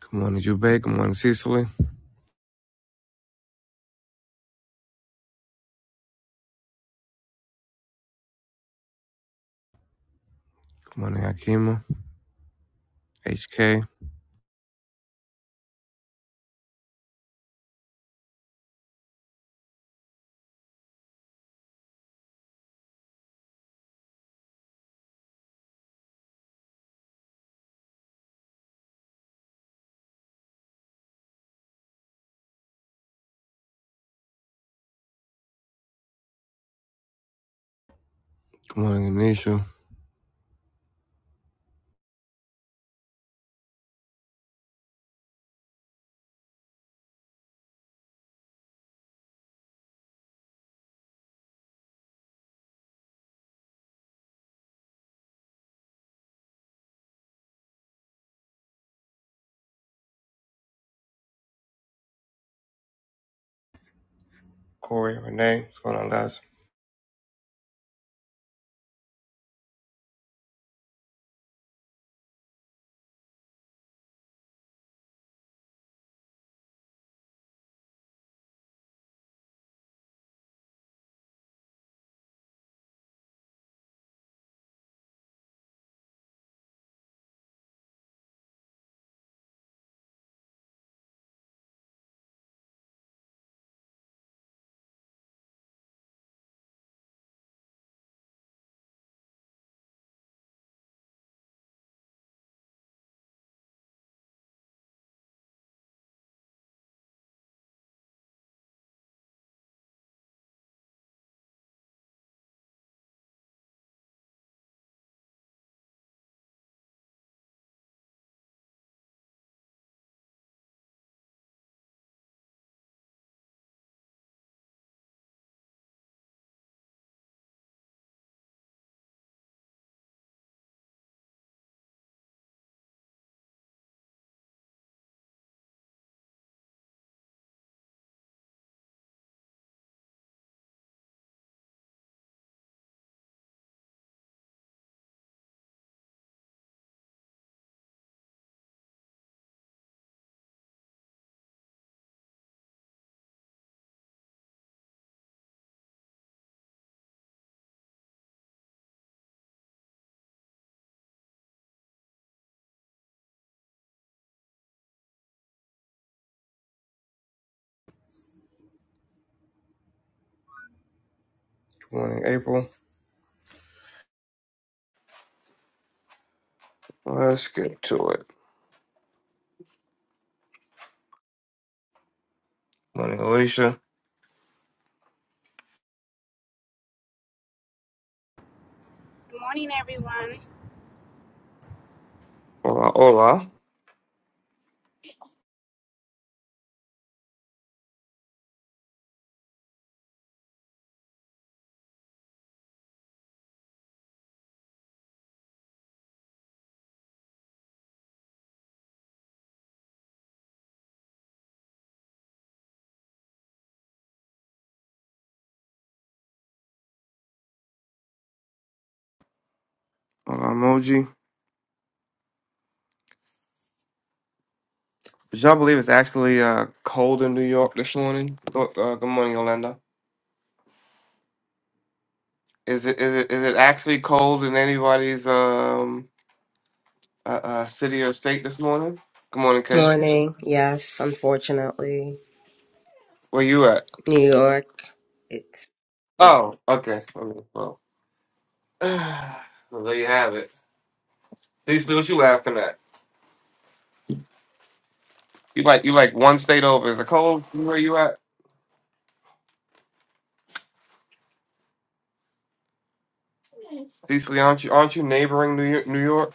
Good morning, Jube. Good morning, Cecily. Good morning, Akima. HK. Good morning, Anisha. Corey, Renee. What's going on, guys? Good morning, April. Let's get to it. Good morning, Alicia. Good morning, everyone. Hola, hola. Hola, emoji. Did y'all believe it's actually uh, cold in New York this morning? Go- Uh, good morning, Yolanda. Is it is it is it actually cold in anybody's um uh, uh, city or state this morning? Good morning, Kay. Morning. Yes, unfortunately. Where you at? New York. It's yeah. Oh, okay. I mean, well, well, there you have it. Cecily, what you laughing at? You like you like one state over. Is it cold where you at? Cecily, aren't you aren't you neighboring New York? New York?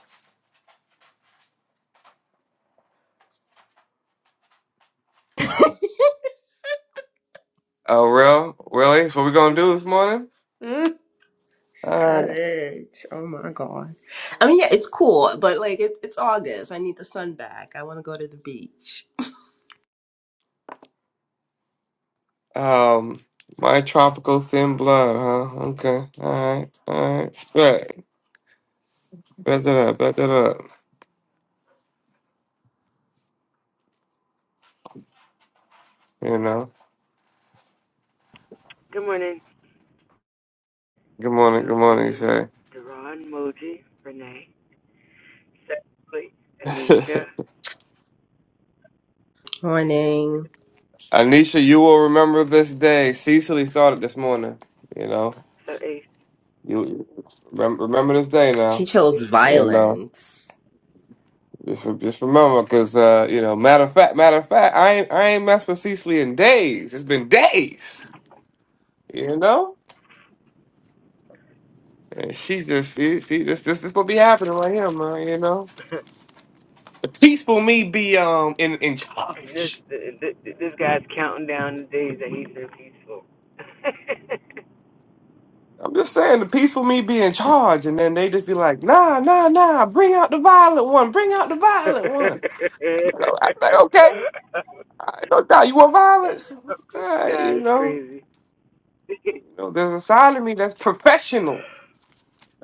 Oh, real? Really? That's what we gonna do this morning? Mm, All right. savage. Oh my god. I mean yeah, it's cool, but like it, it's August. I need the sun back. I wanna go to the beach. Um, my tropical thin blood, huh? Okay. All right. All right. Bet. Bet that up. Bet that up. You know. Good morning. Good morning. Good Good morning, you morning, say. Daron, Moji, Renee, Cecily, Anisha. Morning. Anisha, you will remember this day. Cecily thought it this morning. You know. So, hey, You remember, remember this day She now. chose You know. violence. Just re- just remember, because uh, you know, matter of fact, matter of fact, I ain't I ain't messed with Cecily in days. It's been days, you know. And she just see, she this this this what be happening right here, man. You know, the peaceful me be um in in and this, charge. this this guy's counting down the days that he's been peaceful. I'm just saying the peaceful me be in charge, and then they just be like, nah, nah, nah, bring out the violent one, bring out the violent one. You know, I'm like, okay, all right, no doubt you want this violence, All right, you guy's know. crazy. You know, there's a side of me that's professional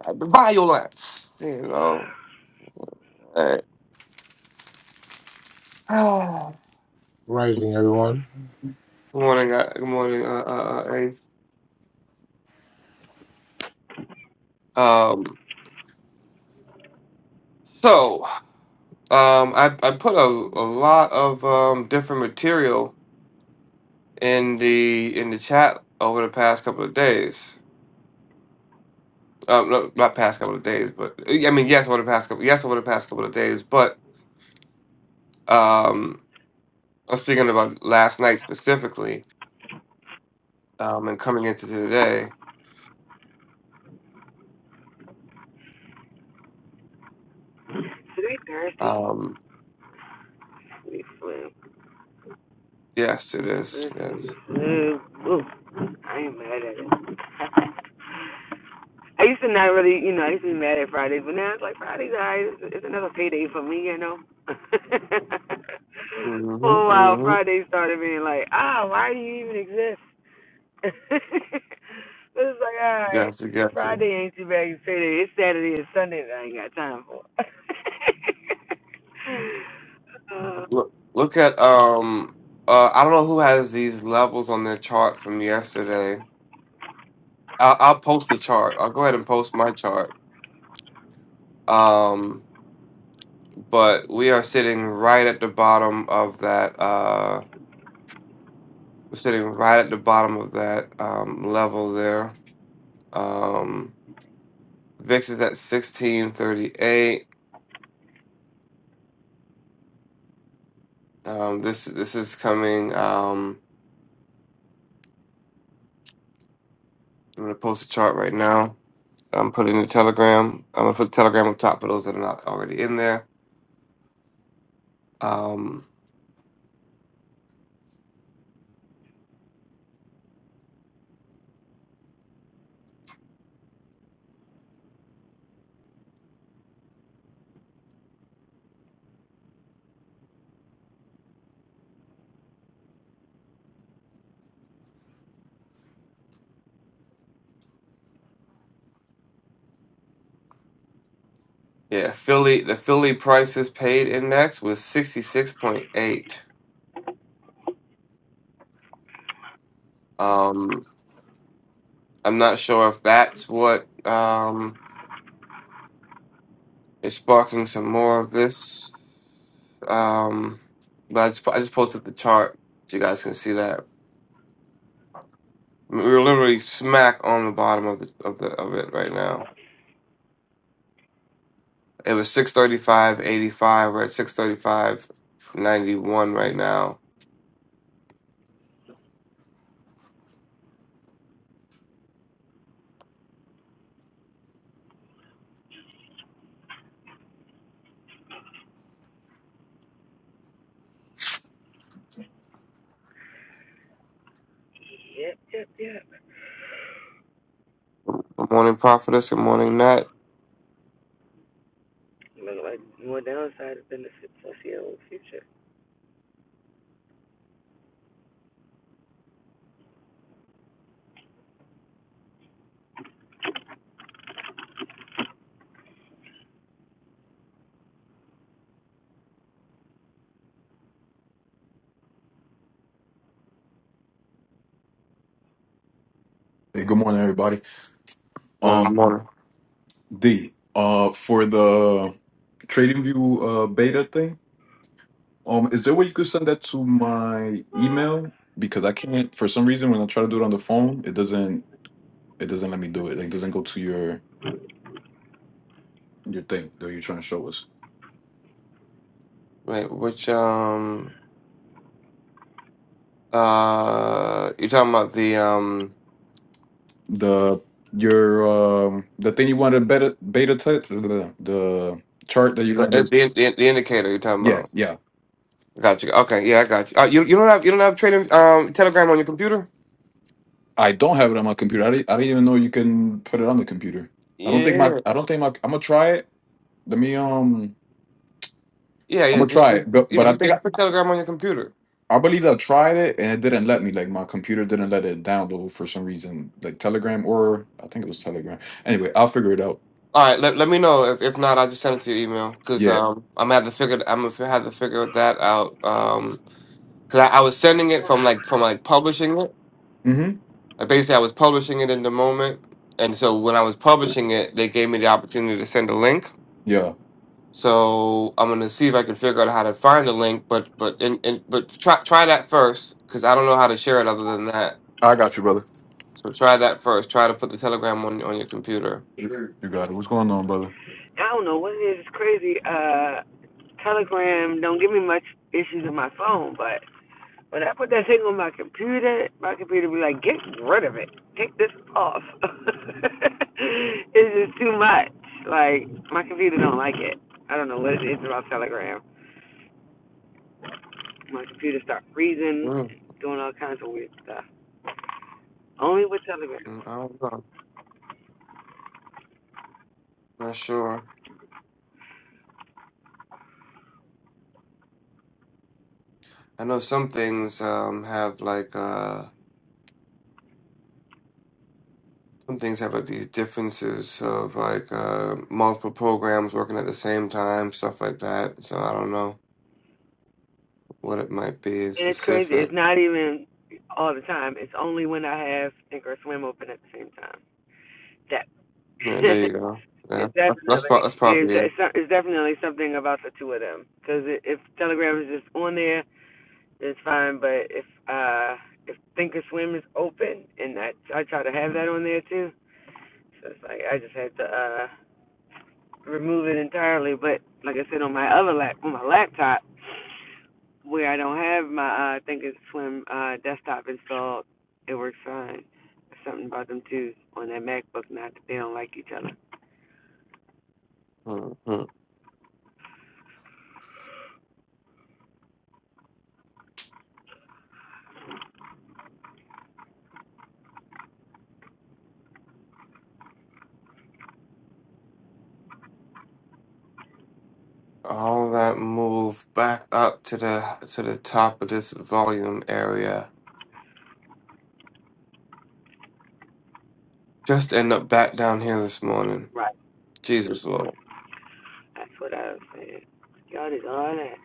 Uh, violence. You know. All right. Rising, everyone. good morning. uh, Good morning, uh, uh, uh, Ace. Um. So, um, I I put a, a lot of um different material in the in the chat over the past couple of days. Um, no, not past couple of days, but I mean yes, over the past couple yes over the past couple of days. But um, I'm speaking about last night specifically. Um, and coming into today. Today Thursday. Um, We flew. yes, it is. This we Yes. flew. Ooh, I am mad at it. I used to not really, you know, I used to be mad at Fridays, but now it's like Fridays, alright, it's, it's another payday for me, you know. Mm-hmm. For a while, mm-hmm. Fridays started being like, ah, why do you even exist? but it's like, alright, Gotcha, gotcha. Friday ain't too bad. It's payday. It's Saturday and Sunday that I ain't got time for. uh, Look, look at um. Uh, I don't know who has these levels on their chart from yesterday. I'll, I'll post the chart. I'll go ahead and post my chart. Um, but we are sitting right at the bottom of that. Uh, we're sitting right at the bottom of that um, level there. Um, VIX is at sixteen thirty eight. Um, this this is coming. Um, I'm gonna post a chart right now. I'm putting the telegram. I'm gonna put the telegram on top for those that are not already in there. Um, yeah, Philly. The Philly prices paid index was 66.8. Um, I'm not sure if that's what um is sparking some more of this. Um, but I just, I just posted the chart so you guys can see that. We are literally smack on the bottom of the of the of it right now. It was 635.85. We're at 635.91 right now yep, yep, yep. Good morning, Prophetess. Good morning, Nat. Look like more downside of benefits I see in the future. Hey, good morning, everybody. Good morning, Um, good morning. D, uh, for the TradingView uh beta thing, um, is there a way you could send that to my email? Because I can't, for some reason, when I try to do it on the phone, it doesn't, it doesn't let me do it. Like, it doesn't go to your your thing that you're trying to show us. Wait, which um uh you talking about the um The your um the thing you wanted beta beta test the, the chart that you the wanted. the, the, the indicator you're talking Yeah, about? yeah. Got you. Okay, yeah, I got you. Uh, you you don't have you don't have trading um Telegram on your computer? I don't have it on my computer. I didn't, I didn't even know you can put it on the computer. I don't think my Yeah, I don't think my I'm gonna try it Let me um yeah, I'm yeah. gonna Just, try just it. But yeah, but I just think get I, put Telegram on your computer. I believe I tried it and it didn't let me. Like my computer didn't let it download for some reason. Like Telegram or I think it was Telegram. Anyway, I'll figure it out. All right, let, let me know if if not, I'll just send it to your email because Yeah. um I'm gonna have to figure I'm gonna have to figure that out um because I, I was sending it from like from like publishing it. Mm-hmm. Like, basically, I was publishing it in the moment, and so when I was publishing it, they gave me the opportunity to send a link. Yeah. So I'm gonna see if I can figure out how to find the link, but but and, and but try try that first because I don't know how to share it other than that. I got you, brother. So try that first. Try to put the Telegram on on your computer. You you got it. What's going on, brother? I don't know what it is. It's crazy. Uh, Telegram don't give me much issues on my phone, but when I put that thing on my computer, my computer be like, "Get rid of it. Take this off." it's just too much. Like my computer don't like it. I don't know what it is about Telegram. My computer start freezing, Mm, doing all kinds of weird stuff. Only with Telegram, mm, I don't know. Not sure. I know some things um, have like uh, some things have like these differences of like uh, multiple programs working at the same time, stuff like that. So I don't know. what it might be in and it's crazy. It's specific. not even all the time. It's only when I have Think or Swim open at the same time that Yeah, there you go. Yeah, It's that's that's prob- definitely that's it's, probably de- it. it's so- definitely something about the two of them. Because if Telegram is just on there, it's fine. But if uh if Thinkorswim is open, and I I try to have that on there too, so it's like I just had to uh remove it entirely. But like I said, on my other lap on my laptop, where I don't have my uh Thinkorswim uh desktop installed, it works fine. There's Something about them two on that MacBook, not that they don't like each other. Mhm. All that move back up to the to the top of this volume area. Just end up back down here this morning. Right. Jesus Lord, That's what I was saying. Y'all just all that.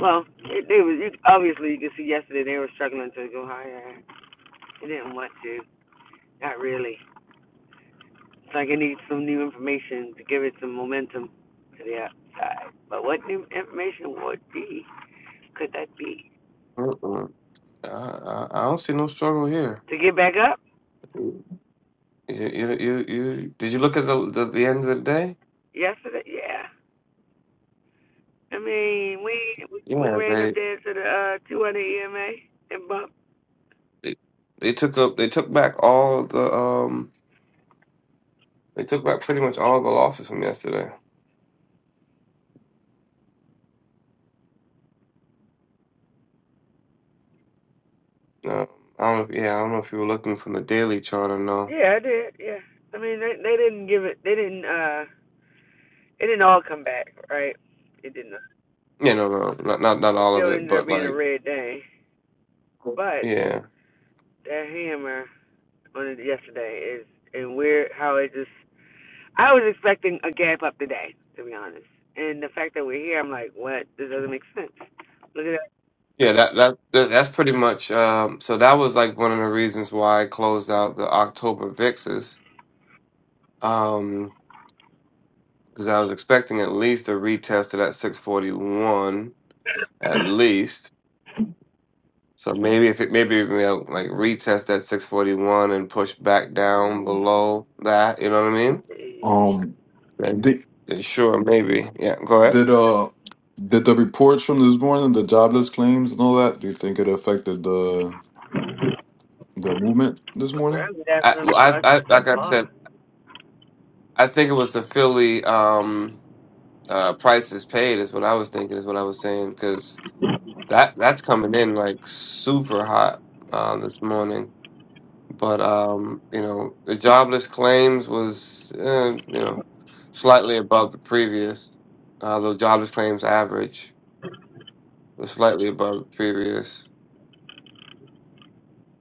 Well, it, it was you, obviously you could see yesterday they were struggling to go higher. They didn't want to. Not really. It's like it needs some new information to give it some momentum to the outside. But what new information would be? Could that be Mm-mm. I, I I don't see no struggle here. to get back up? You, you you you did you look at the, the the end of the day? Yesterday, yeah. I mean, we we Yeah, ran up they there to the uh 200 EMA and bumped. they, they took up they took back all the um they took back pretty much all the losses from yesterday. Um, I don't know. If, yeah, I don't know if you were looking from the daily chart or no. Yeah, I did. Yeah. I mean, they they didn't give it. They didn't uh It didn't all come back, right? It didn't. Yeah, no, no, no, not not not It all of still it, ended up but being a like, red day. But yeah, that hammer on it yesterday is and weird how it just. I was expecting a gap up today, to be honest. And the fact that we're here, I'm like, what? This doesn't make sense. Look at yeah. That that, that that's pretty much. Um, so that was like one of the reasons why I closed out the October VIXs. Um, because I was expecting at least a retest of that 641, at least. So maybe if it maybe if we uh, like retest that 641 and push back down below that, you know what I mean? that. Um Then, did then sure, maybe. Yeah, go ahead. did uh did the reports from this morning, the jobless claims and all that, do you think it affected the the movement this Where morning? is that I, room well, I, for us I to like I said, I think it was the Philly um uh price is paid is what I was thinking is what I was saying because that that's coming in like super hot uh, this morning. But um, you know, the jobless claims was uh, you know slightly above the previous, uh, though jobless claims average was slightly above the previous.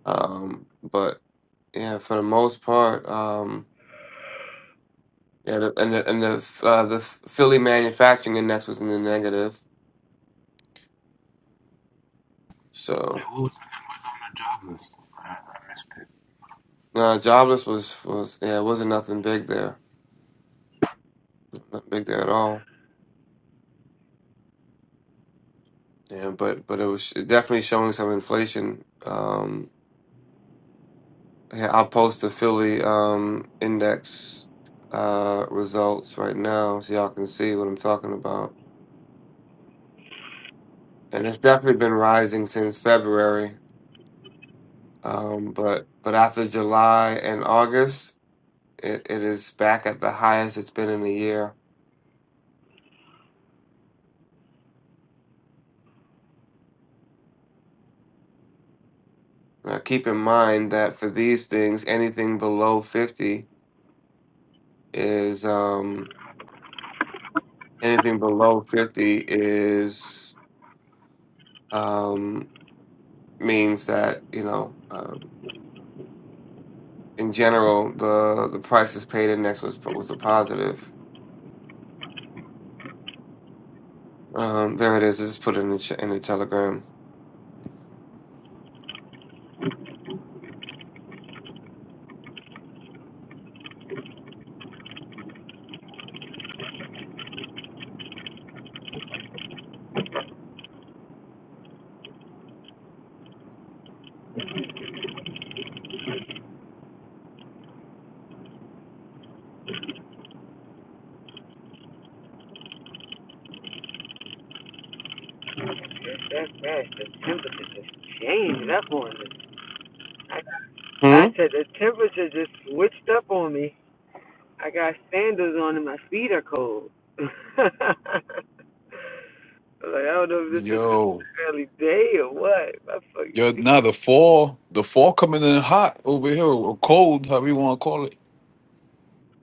Um, but yeah, for the most part, um. Yeah, the, and the, and the uh, the Philly manufacturing index was in the negative. So Wilson was the numbers on the job list. Right? uh, jobless was was yeah, it wasn't nothing big there, not big there at all. Yeah, but but it was definitely showing some inflation. Um, yeah, I'll post the Philly um index uh results right now so y'all can see what I'm talking about. And it's definitely been rising since February. Um, but but after July and August, it, it is back at the highest it's been in a year. Now keep in mind that for these things, anything below fifty is um anything below fifty is um means that you know uh, in general the the prices is paid index was was a positive. Um, there it is. I just put it in the ch- in the telegram. That's bad. The temperature just changed up on me. I, I Hmm. said the temperature just switched up on me. I got sandals on and my feet are cold. I was like, I don't know if this is just 'cause Yo. it's an early day or what. My fucking Yeah, feet. now the fall, the fall coming in hot over here, or cold, however you want to call it.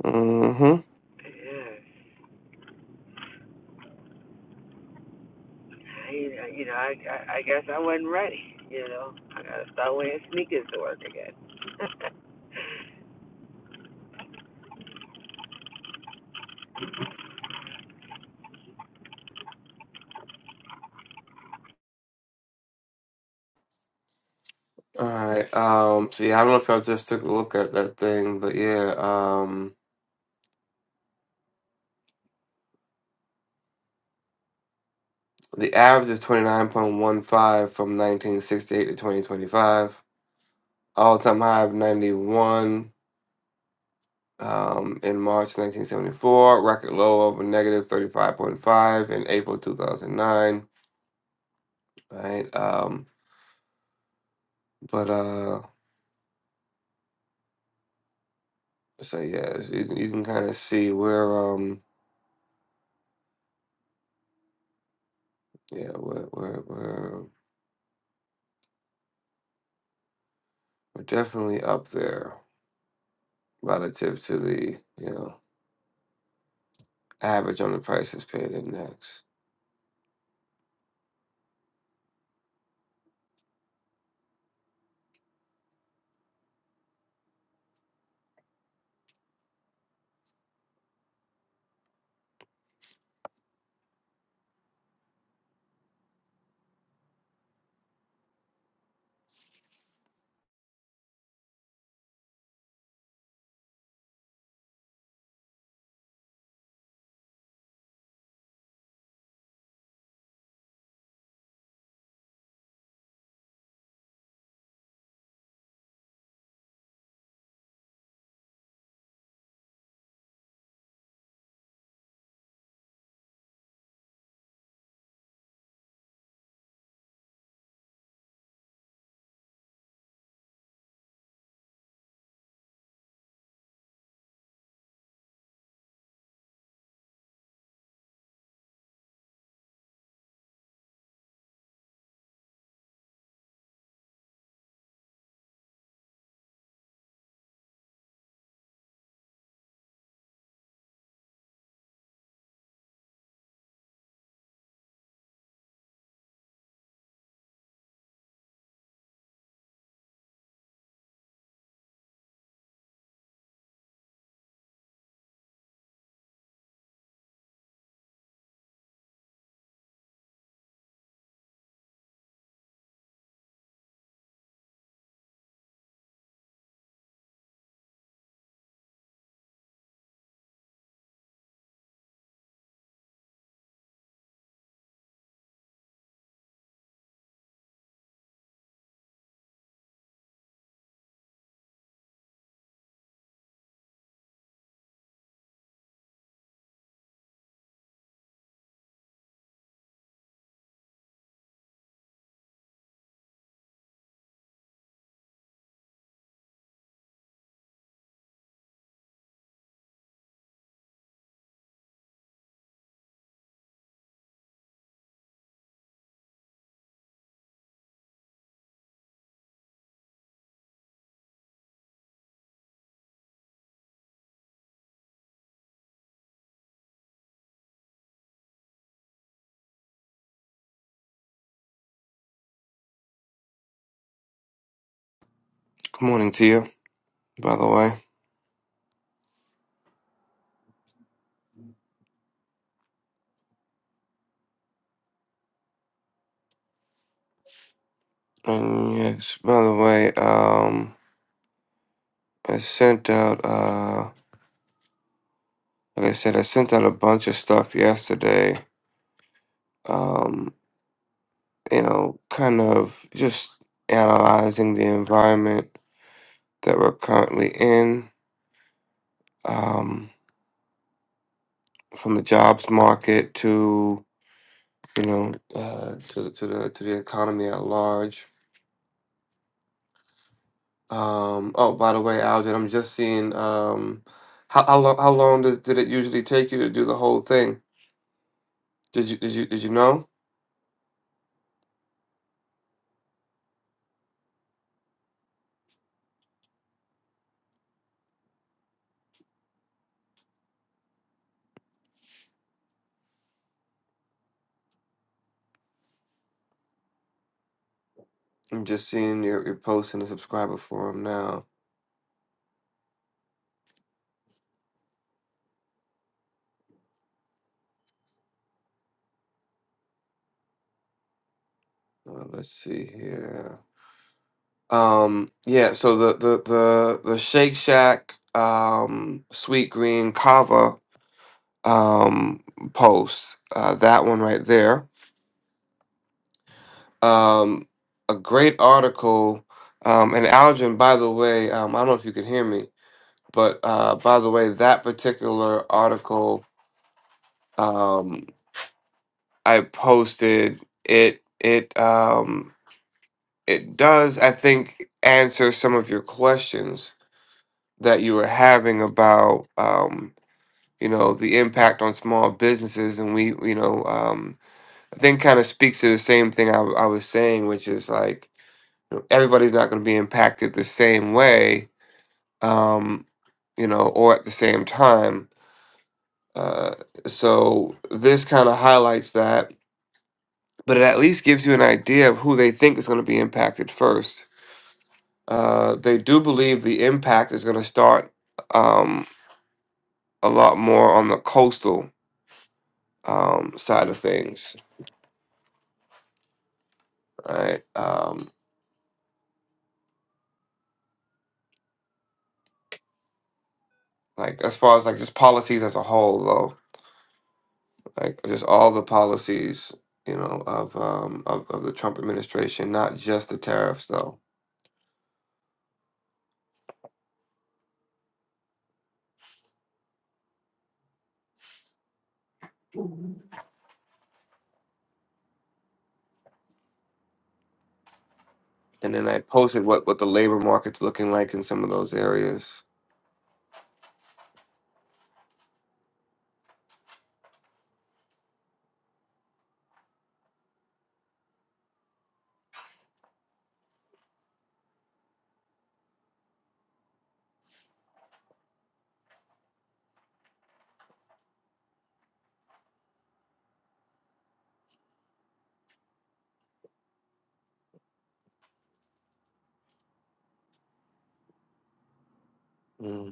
Mm-hmm. Yeah. I, you know, I, I I guess I wasn't ready. You know, I gotta start wearing sneakers to work again. All right. Um. So yeah, I don't know if y'all just took a look at that thing, but yeah. Um. The average is twenty nine point one five from nineteen sixty eight to twenty twenty five. All time high of 91 um, in March 1974, record low of a negative 35.5 in April 2009. Right. Um, but uh, so yeah, so you can, you can kind of see we're um, yeah, we're, we're we're we're definitely up there relative to the you know average on the prices paid index. Good morning to you, by the way. And yes, by the way, um, I sent out. uh. Like I said, I sent out a bunch of stuff yesterday. Um, you know, kind of just analyzing the environment that we're currently in, um, from the jobs market to you know uh, to the- to the to the economy at large. Um, oh, by the way, Algin, I'm just seeing um, how how long how long did, did it usually take you to do the whole thing? Did you did you did you know? I'm just seeing your your post in the subscriber forum now. Uh, let's see here. Um, yeah, so the the the the Shake Shack um sweet green kava um post, uh that one right there. Um a great article. Um and Algin, by the way, um I don't know if you can hear me, but uh by the way, that particular article um I posted it it um it does I think answer some of your questions that you were having about um you know the impact on small businesses and we you know um i think kind of speaks to the same thing I I was saying which is like you know, everybody's not going to be impacted the same way um you know or at the same time uh so this kind of highlights that but it at least gives you an idea of who they think is going to be impacted first uh they do believe the impact is going to start um a lot more on the coastal um side of things right Um, like as far as like just policies as a whole though like just all the policies you know of um of, of the trump administration not just the tariffs though and then i posted what what the labor market's looking like in some of those areas hmm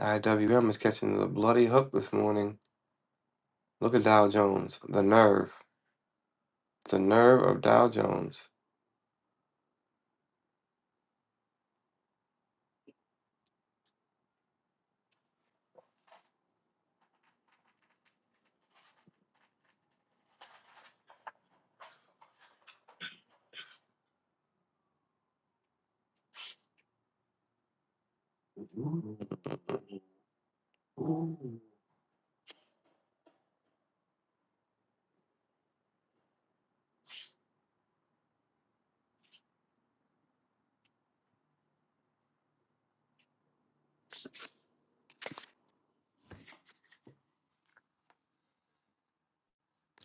iwm is catching the bloody hook this morning look at dow jones the nerve the nerve of dow jones Ooh. all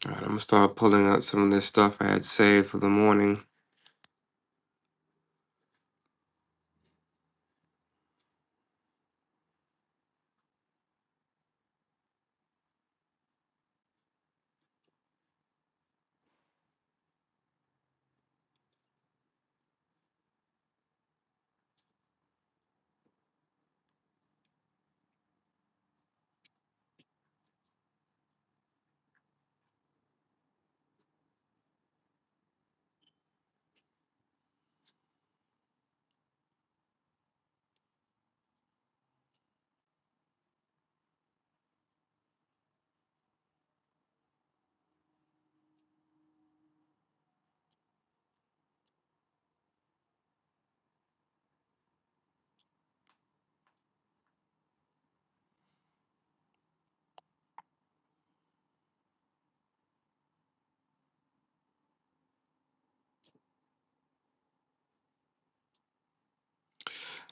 right i'm gonna start pulling out some of this stuff i had saved for the morning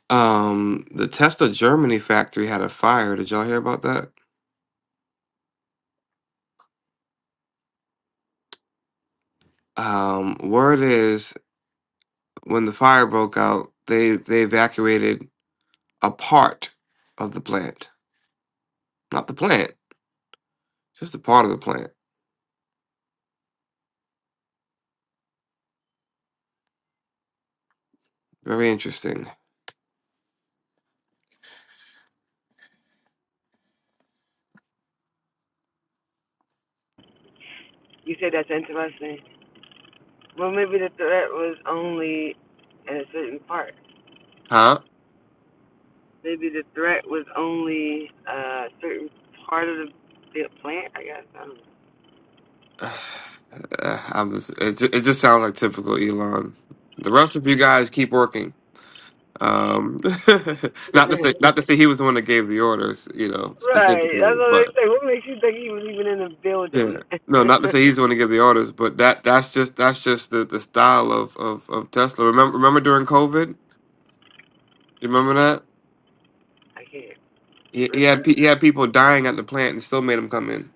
Um, the Tesla Germany factory had a fire. Did y'all hear about that? Um, word is when the fire broke out, they they evacuated a part of the plant, not the plant, just a part of the plant. Very interesting, you said that's interesting. Well, maybe the threat was only in a certain part. huh? Maybe the threat was only a certain part of the, the plant. I guess I don't Uh, I was it. ju- It just sounds like typical Elon. The rest of you guys keep working. Um, know. not to say not to say he was the one that gave the orders, you know, right. specifically, That's what they say. What makes you think he was even in the building? Yeah. No, not to say he's the I one to give the orders, but that that's just that's just the, the style of, of, of Tesla. Remember remember during COVID? You remember that? can't. He, he Refresh. had pe- he had people dying at the plant and still made them come in.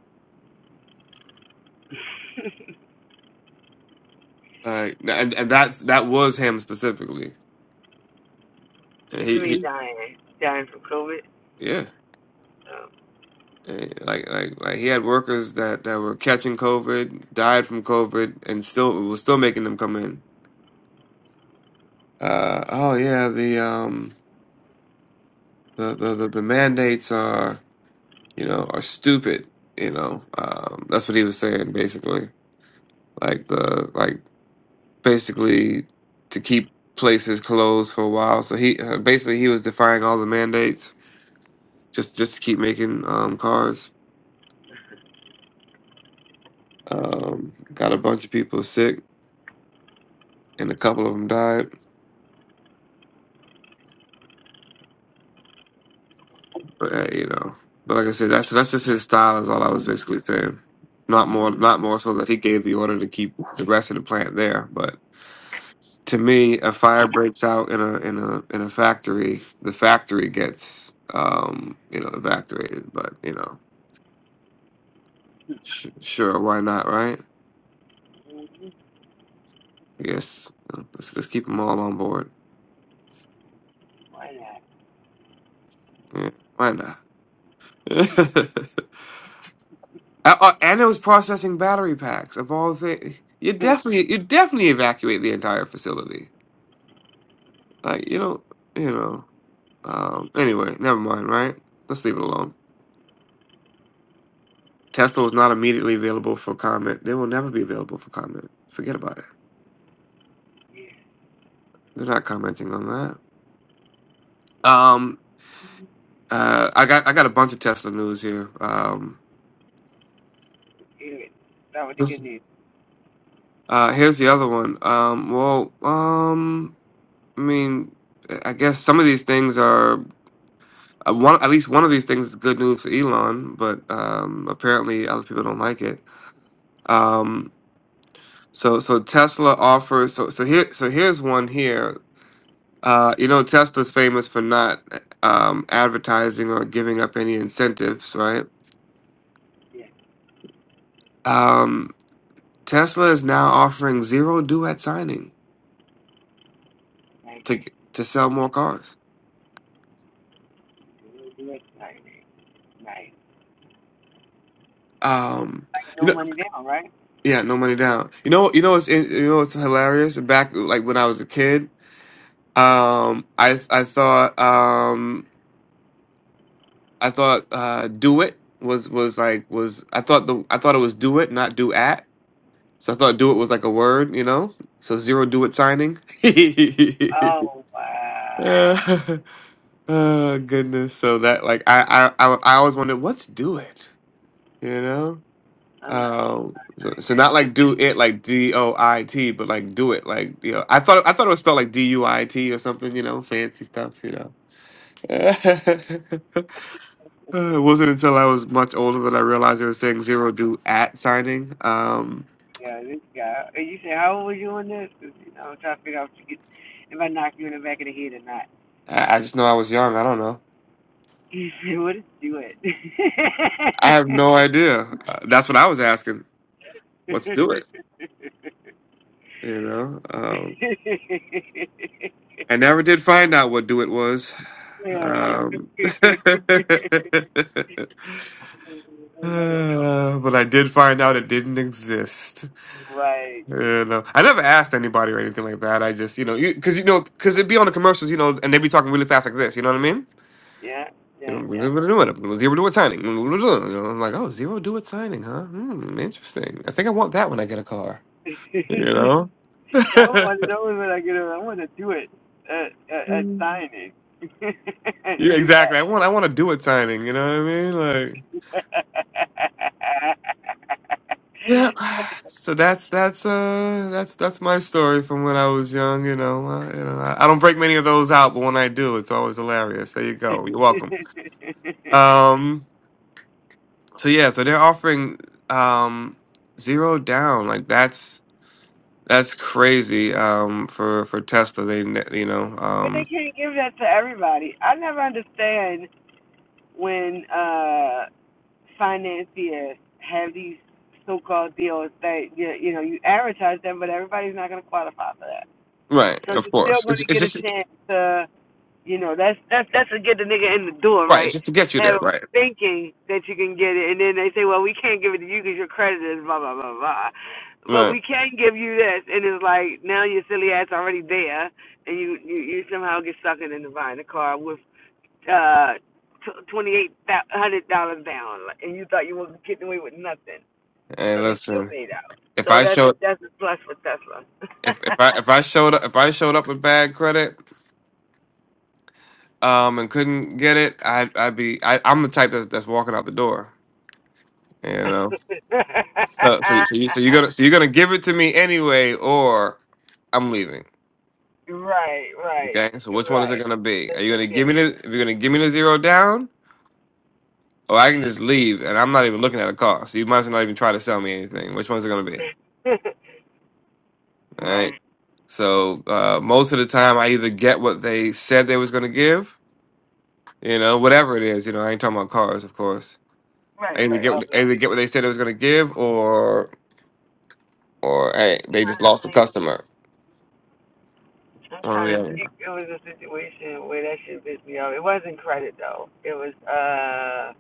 Like and, and that's that was him specifically. And What he, you mean he dying? Dying from COVID? yeah. Um, And Like like like he had workers that, that were catching COVID, died from COVID, and still was still making them come in. Uh oh yeah, the um the the, the, the mandates are you know, are stupid, you know. Um, that's what he was saying basically. Like the like basically to keep places closed for a while. So he uh, basically he was defying all the mandates just just to keep making um cars. Um, got a bunch of people sick and a couple of them died, but uh, you know. But like I said, that's that's just his style. Is all I was basically saying. Not more, not more so that he gave the order to keep the rest of the plant there, but to me, a fire breaks out in a in a in a factory. The factory gets um, you know evacuated, but you know, sh- sure, why not, right? I guess uh, let's let's keep them all on board. Yeah, why not? Uh, uh, and it was processing battery packs of all things. You definitely you definitely evacuate the entire facility. Like you don't you know. Um, anyway, never mind. Right? Let's leave it alone. Tesla was not immediately available for comment. They will never be available for comment. Forget about it. They're not commenting on that. Um, uh, I got I got a bunch of Tesla news here. Um, good. That was the Yes. good news. uh, here's the other one. Um, well, um, I mean, I guess some of these things are uh, one. At least one of these things is good news for Elon, but um, apparently other people don't like it. Um, so so Tesla offers. So so here so here's one here. Uh, you know, Tesla's famous for not um, advertising or giving up any incentives, right? Um, Tesla is now offering zero due at signing to to sell more cars. Nice. Um, Like you no know, money down, right? yeah, no money down. You know, you know what's you know what's hilarious? Back like when I was a kid, um, I I thought um, I thought uh, do it was was like was I thought the I thought it was do it not do at So I thought do it was like a word, you know? So zero do it signing. Oh wow. Yeah. oh goodness. So that like I I I, I always wondered what's do it, you know? Um, Um so, so not like do it like D O I T, but like do it like you know. I thought I thought it was spelled like D U I T or something, you know, fancy stuff, you know. Uh, it wasn't until I was much older that I realized they were saying zero do at signing. Um yeah, this guy. And you say how old were you on this? 'Cause you know, I'm trying to figure out if, you get, if I knock you in the back of the head or not. I, I just know I was young. I don't know. He said, "What is you it?" I have no idea. Uh, That's what I was asking. What's do it? You know, um, I never did find out what do it was. really? Um, uh, but I did find out it didn't exist. right. You know, I never asked anybody or anything like that. I just, you know, you because you, know, because it'd be on the commercials, you know, and they'd be talking really fast like this. You know what I mean? Yeah. You Yeah. know, zero do it signing. You know, I'm like, oh, zero do it signing, huh? Hmm, interesting. I think I want that when I get a car. Yeah. You know? I don't want to know what I get. I want to do it at, at, at Yeah, signing and do at. exactly. I want I want to do a signing. You know what I mean? Like, yeah. So that's that's uh that's that's my story from when I was young. You know, uh, you know, I, I don't break many of those out, but when I do, it's always hilarious. There you go. You're welcome. Um. So yeah. So they're offering um zero down. Like that's that's crazy. Um. For for Tesla, they ne- you know but they um. can't give that to everybody. I never understand when uh financiers have these so-called deals that you, you know you advertise them, but everybody's not going to qualify for that. Right. So Of you're still course. going It's, to it's get a just chance to You know, that's that's that's to get the nigga in the door, right. It's right? just to get you there. Have him Right. thinking that you can get it, and then they say, well, we can't give it to you because your credit is blah blah blah blah, but Right. we can give you this, and it's like now your silly ass already there, and you you, you somehow get sucked into buying a car with uh twenty eight hundred dollars down, like, and you thought you were getting away with nothing, so And they still listen. paid out. If So I that's show a that's a plus for Tesla. if if I if I showed up if I showed up with bad credit um and couldn't get it I'd I'd be I, I'm the type that's that's walking out the door you know so so so you so you're gonna so you're gonna give it to me anyway or I'm leaving Right, right, okay so which one is it right. gonna be are you gonna Yeah, give me the if you're gonna give me the zero down or I can just leave and I'm not even looking at a car so you might as well not even try to sell me anything which one's it gonna be all right right, so uh, most of the time I either get what they said they was gonna give you know whatever it is you know I ain't talking about cars of course right, I either right. get what- Obviously, either get what they said it was going to give, or or hey, they just trying to lost the think. customer. I'm One or trying the to other. think. It was a situation where that shit pissed me off. It wasn't credit though. It was uh,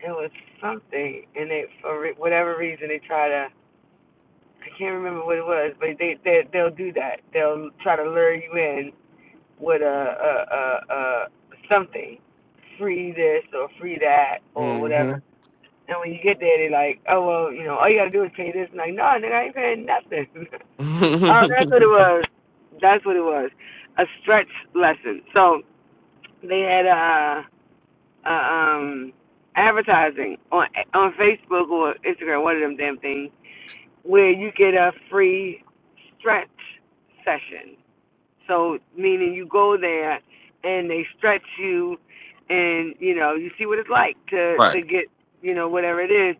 it was something, and they for re- whatever reason they try to. I can't remember what it was, but they they they'll do that. They'll try to lure you in with a a a, a something, free this or free that or whatever Mm-hmm. And when you get there, they're like, oh, well, you know, all you got to do is pay this. And like, no, nigga, I ain't paying nothing. oh, that's what it was. That's what it was. A stretch lesson. So they had a, a um, advertising on on Facebook or Instagram, one of them damn things, where you get a free stretch session. So meaning you go there and they stretch you, and you know you see what it's like to right. to get you know whatever it is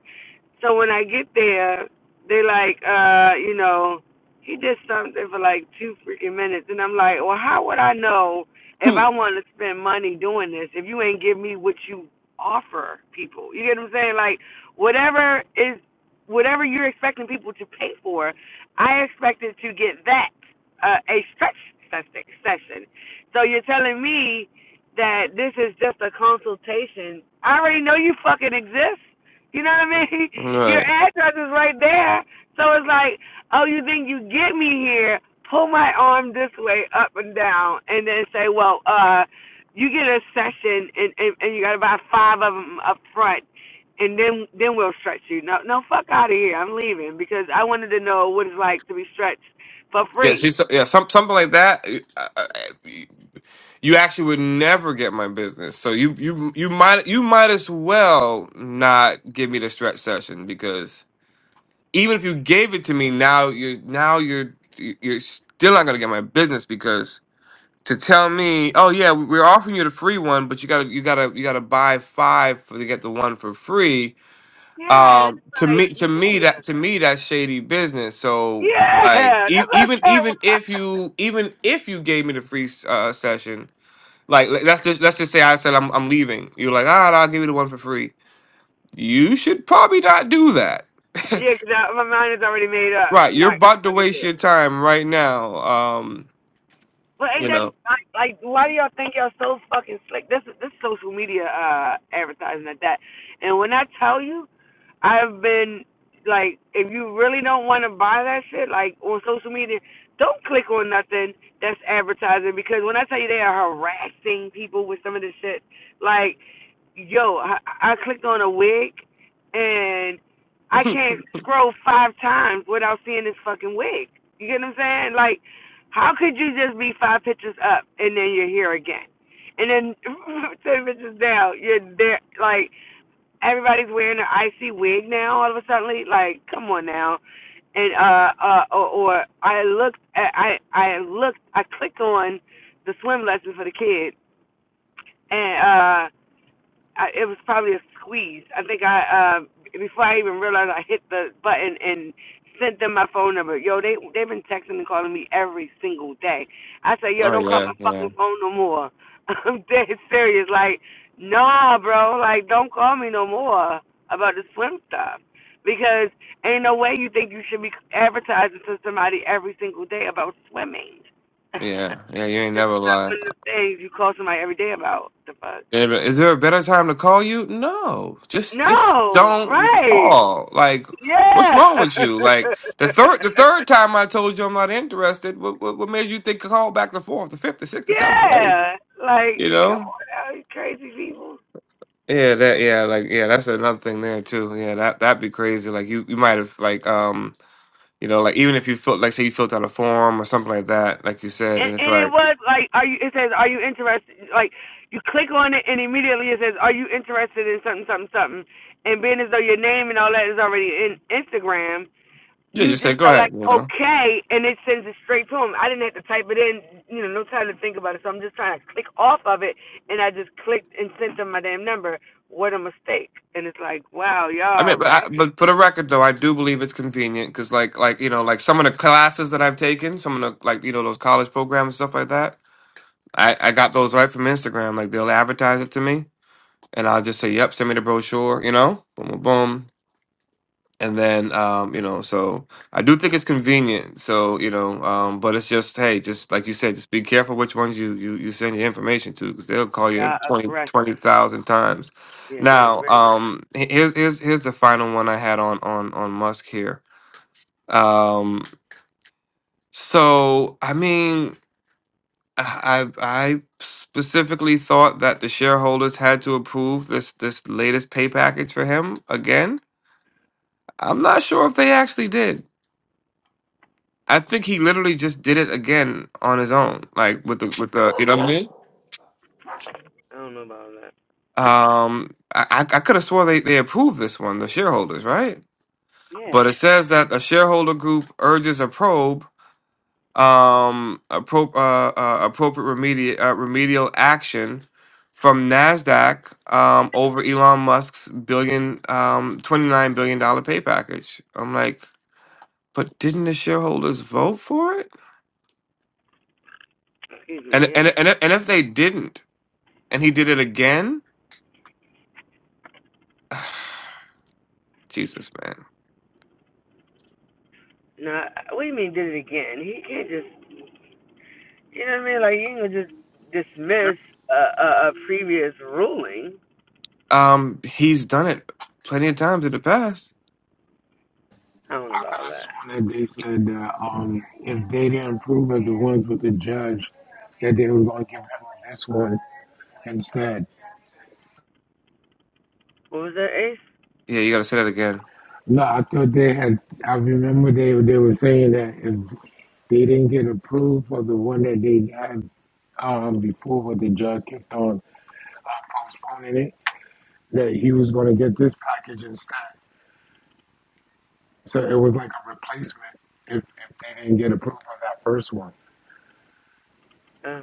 so when I get there, they like, uh, you know, he did something for like two freaking minutes, and I'm like, well, how would I know if I want to spend money doing this if you ain't give me what you offer people? You get what I'm saying? Like, whatever is, whatever you're expecting people to pay for, I expected to get that uh, a stretch session. session. So you're telling me that this is just a consultation? I already know you fucking exist. You know what I mean? Your right. address is right there. So it's like, oh, you think you get me here, pull my arm this way, up and down, and then say, well, uh, you get a session and, and, and you got to buy five of them up front, and then then we'll stretch you. No, no, fuck out of here. I'm leaving because I wanted to know what it's like to be stretched for Yeah. free. She's yeah. Some something like that. uh, uh, uh, You actually would never get my business. So you you you might you might as well not give me the stretch session because even if you gave it to me now, you now you're you're still not going to get my business because to tell me, oh yeah, we- we're offering you the free one, but you gotta you gotta you gotta buy five for to get the one for free. Yeah, Um, it's to me, like, to me that yeah, to me that's shady business. So like yeah e- that's what I even even if said. you even if you gave me the free s- uh, session, like le- let's just let's just say I said I'm I'm leaving. You're like, ah, nah, I'll give you the one for free. You should probably not do that. yeah, 'cause I- my mind is already made up. right, I'm you're not going to about to fucking do it. waste your time right now. Um, But ain't you that know. like, like why do y'all think y'all so fucking slick? This this social media uh advertising at that. And when I tell you, I've been like, if you really don't want to buy that shit, like on social media, don't click on nothing that's advertising because when I tell you they are harassing people with some of this shit, like, yo, I, I clicked on a wig and I oh can't scroll five times without seeing this fucking wig. You get what I'm saying? Like how could you just be five pitches up and then you're here again? And then ten pitches down, you're there. Like everybody's wearing an icy wig now. All of a sudden, like come on now. And uh, uh, or, or I looked, I I I looked, I clicked on the swim lesson for the kid, and uh. I, it was probably a squeeze. I think I uh, before I even realized I hit the button and sent them my phone number. Yo, they they've been texting and calling me every single day. I said, yo, don't call yeah, my yeah. fucking phone no more. I'm dead serious. Like, nah, bro. Like, don't call me no more about the swim stuff. Because ain't no way you think you should be advertising to somebody every single day about swimming. Yeah, this yeah, you ain't never is not lie. one of the things you call somebody every day about. The fuck. And Is there a better time to call you? No, just just No, don't right. call. Like, what's Yeah. wrong with you? Like the third the third time I told you I'm not interested. What what, what made you think to call back the fourth, the fifth, the sixth, the seventh, the eighth? yeah. Like, You come know? on out, you crazy people. Yeah, that yeah, like yeah, that's another thing there too. Yeah, that that'd be crazy. Like you you might have like um you know like even if you filled like say you filled out a form or something like that, like you said, And and it's and it like was like, are you? It says, are you interested? Like, you click on it and immediately it says, are you interested in something, something, something? And being as though your name and all that is already in Instagram, yeah, you just say just go are ahead. like You know? okay, and it sends it straight to him. I didn't have to type it in, you know, no time to think about it. So I'm just trying to click off of it, and I just clicked and sent them my damn number. What a mistake! And it's like, wow, y'all I mean, are but, I, ratchet, but for the record, though, I do believe it's convenient because, like, like you know, like some of the classes that I've taken, some of the like you know those college programs and stuff like that, I I got those right from Instagram. Like they'll advertise it to me, and I'll just say, "Yep, send me the brochure," you know, boom, boom, boom and then um, you know, so I do think it's convenient. So you know, um, but it's just hey, just like you said, just be careful which ones you you you send your information to because they'll call you y'all are 20 aggressive. 20,000 times. Yeah, they're Now, very. um, he- here's here's here's the final one I had on on on Musk here. Um, so I mean. I I specifically thought that the shareholders had to approve this this latest pay package for him again. I'm not sure if they actually did. I think he literally just did it again on his own, like with the with the you know what I mean. I don't know about that. Um, I I I could have swore they they approved this one, the shareholders, right? But Yeah, it says that a shareholder group urges a probe, um, appro- uh, uh, appropriate remedial uh, remedial action from Nasdaq um over Elon Musk's billion um twenty nine billion dollar pay package. I'm like, but didn't the shareholders vote for it? excuse And me. and Yeah. and and if they didn't, and he did it again Jesus, man. No, what do you mean did it again? He can't just, you know what I mean? Like you ain't gonna just dismiss a, a, a previous ruling. Um, he's done it plenty of times in the past. I don't know I could about that. have sworn that they Y- said that um, if they didn't prove it, the ones with the judge, that they was going to give him this one instead. What was that, Ace? Yeah, you gotta say that again. No, I thought they had. I remember they they were saying that if they didn't get approved for the one that they had um, before, but the judge kept on uh, postponing it, that he was going to get this package instead. So it was like a replacement if, if they didn't get approved for that first one. Uh,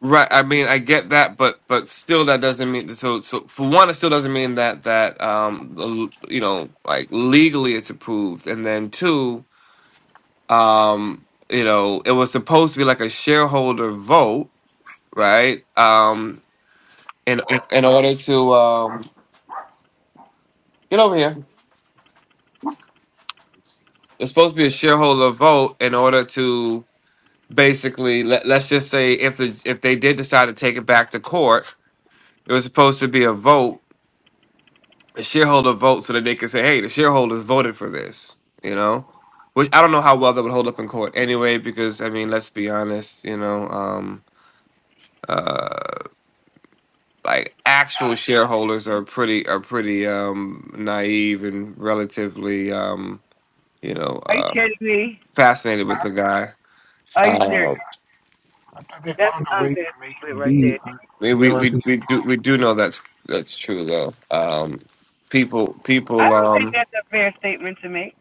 Right. I mean, I get that, but but still, that doesn't mean so. So for one, it still doesn't mean that that um the- you know like legally it's approved, and then two, um you know it was supposed to be like a shareholder vote, right? Um, in in order to um get over here, it's supposed to be a shareholder vote in order to basically let, let's just say if the if they did decide to take it back to court it was supposed to be a vote a shareholder vote so that they could say hey the shareholders voted for this you know which i don't know how well that would hold up in court anyway because i mean let's be honest you know um uh like actual shareholders are pretty are pretty um naive and relatively um you know are you uh kidding me? fascinated with the guy Are you After Um, serious? they, after they That's found a an way to unfair make statement it right be, there. uh, we they we don't have we to get we do we do know that's that's true though. Um, people I people don't think um, that's a fair statement to make.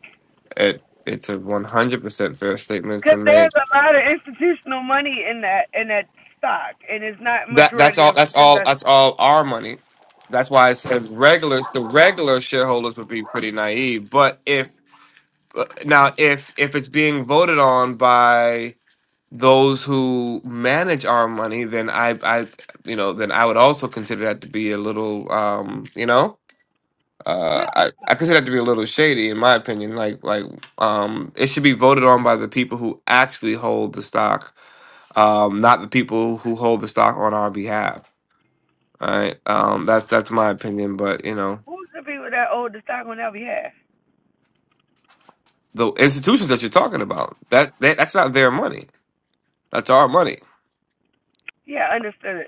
it it's a one hundred percent fair statement to Because make. there's a lot of institutional money in that in that stock, and it's not That that's majority all of that's all investors. that's all our money. That's why I said regular the regular shareholders would be pretty naive. But if uh, now if if it's being voted on by those who manage our money, then I I you know then I would also consider that to be a little um, you know. Uh, Yeah, I, I consider that to be a little shady, in my opinion. Like, like um, it should be voted on by the people who actually hold the stock, um, not the people who hold the stock on our behalf. All right, um, that's that's my opinion. But you know, who's the people that own the stock on our behalf? the institutions that you're talking about, that, that that's not their money. That's our money. Yeah, understood,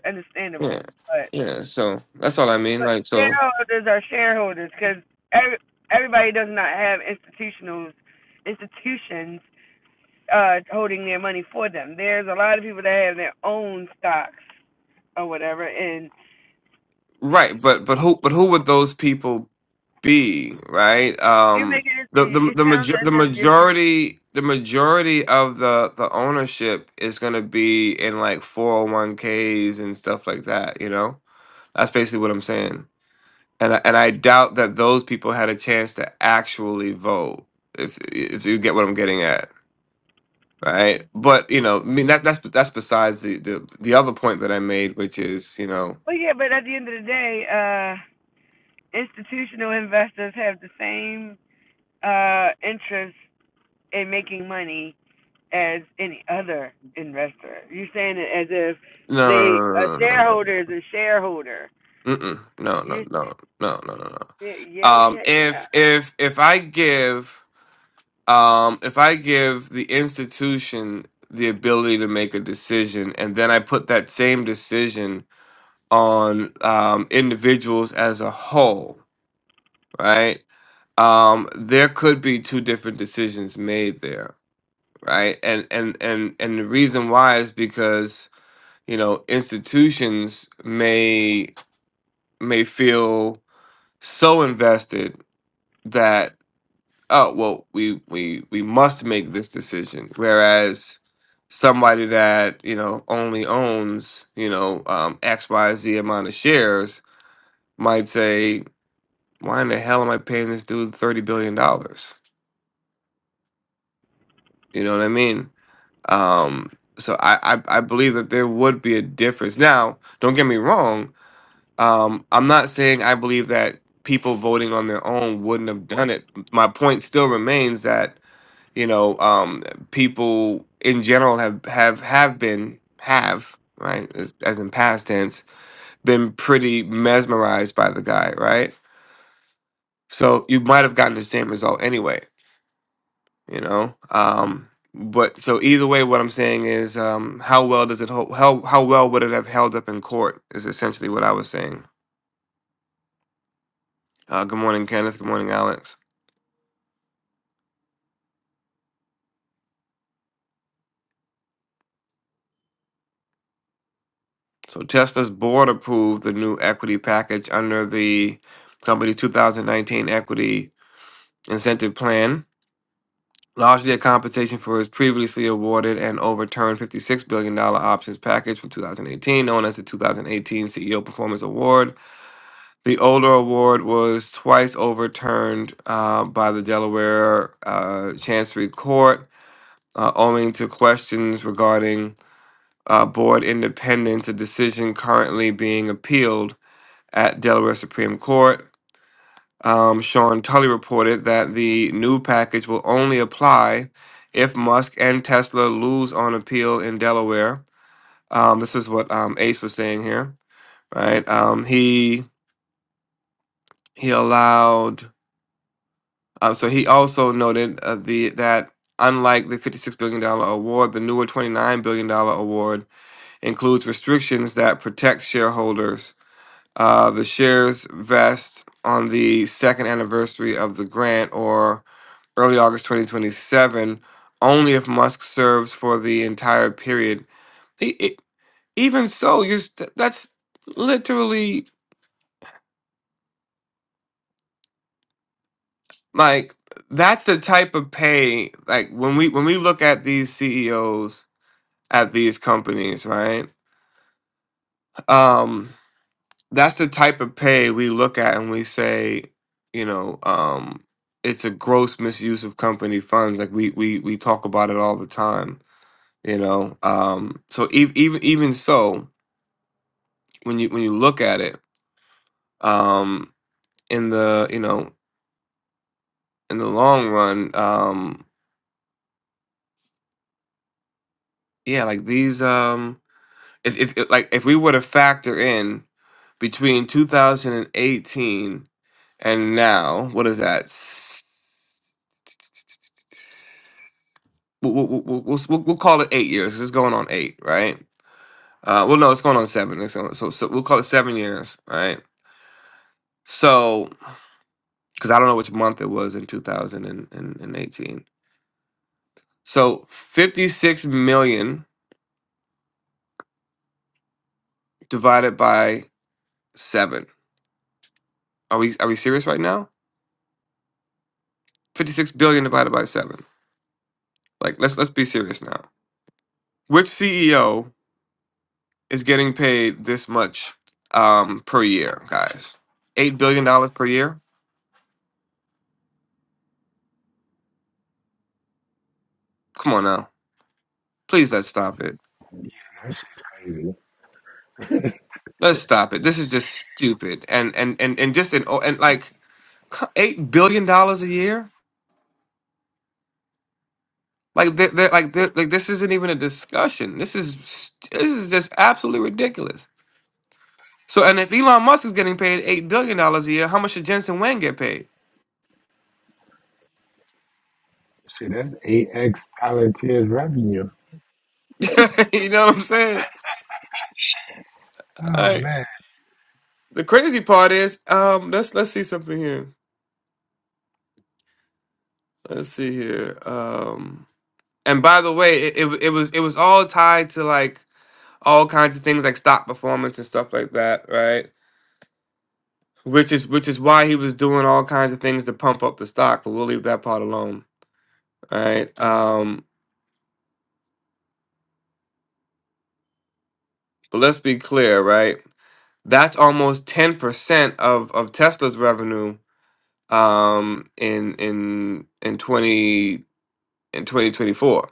Yeah, understandable. But yeah. So that's all I mean. but the Like, so shareholders are shareholders because every, everybody does not have institutionals institutions uh, holding their money for them. There's a lot of people that have their own stocks or whatever, and right, but but who but who would those people Be right? You're Um, making it. the the It the, sounds major, as the if it's. majority the majority of the the ownership is going to be in like 401ks and stuff like that, you know? That's basically what I'm saying. And I, and I doubt that those people had a chance to actually vote if if you get what I'm getting at, right? But, you know, I mean that that's that's besides the the, the other point that I made which is, you know, But yeah, but at the end of the day, uh, institutional investors have the same uh interest in making money as any other investor. You're saying it as if no no they no no a no no no. no. shareholder is a shareholder. Mm-mm. No, You. no, are no, no, no, no, no. Yeah, Um, yeah, yeah. if if if I give um if I give the institution the ability to make a decision, and then I put that same decision on um, individuals as a whole, right? Um, there could be two different decisions made there, right? And and and and the reason why is because you know institutions may may feel so invested that oh well we we we must make this decision whereas somebody that you know only owns you know um x y z amount of shares might say why in the hell am i paying this dude 30 billion dollars you know what i mean um so I, I i believe that there would be a difference now don't get me wrong um i'm not saying i believe that people voting on their own wouldn't have done it my point still remains that you know um people in general have have have been have right as, as in past tense been pretty mesmerized by the guy right so you might have gotten the same result anyway you know um but so either way what i'm saying is um how well does it hold how how well would it have held up in court is essentially what i was saying uh good morning kenneth good morning alex so tesla's board approved the new equity package under the company's 2019 equity incentive plan, largely a compensation for his previously awarded and overturned $56 billion dollars options package from 2018, known as the 2018 CEO Performance Award. The older award was twice overturned uh, by the Delaware uh, Chancery Court, uh, owing to questions regarding uh, board independence, a decision currently being appealed at Delaware Supreme Court. Um, Sean Tully reported that the new package will only apply if Musk and Tesla lose on appeal in Delaware. Um, this is what um, Ace was saying here, right? Um, he he allowed. Uh, so he also noted uh, the that unlike the fifty-six billion dollar award, the newer twenty-nine billion dollar award includes restrictions that protect shareholders. Uh, the shares vest on the second anniversary of the grant, or early August 2027, only if Musk serves for the entire period. E- e- even so, you're st- that's literally like that's the type of pay like when we when we look at these CEOs at these companies, right? Um that's the type of pay we look at and we say, you know, um it's a gross misuse of company funds. Like we we we talk about it all the time you know um so ev- even even so when you when you look at it um in the you know in the long run um yeah like these um if if if- like if we were to factor in between 2018 and now what is that S- we'll we'll we'll, we'll, we'll we'll call it 8 years 'cause it's going on 8 right uh well no it's going on 7 it's going, so so we'll call it 7 years right so cuz I don't know which month it was in 2018 so 56 million divided by seven. Are we are we serious right now? Fifty six billion divided by seven. Like let's let's be serious now. Which CEO is getting paid this much um, per year, guys? Eight billion dollars per year. Come on now, please let's stop it. approved. Yeah, that shit's crazy. Let's stop it. This is just stupid. And and and and just an and like eight billion dollars a year. Like they like they like this isn't even a discussion. This is this is just absolutely ridiculous. So, and if Elon Musk is getting paid eight billion dollars a year, how much should Jensen Wang get paid? Shit, that's 8x Palantir's revenue. you know what I'm saying? All Oh, right. man. The crazy part is, um, let's let's see something here. Let's see here. Um, and by the way, it, it it was it was all tied to like all kinds of things like stock performance and stuff like that, right? Which is which is why he was doing all kinds of things to pump up the stock. But we'll leave that part alone, Right. Um, but let's be clear, right? That's almost ten percent of of Tesla's revenue um in in in 20 in 2024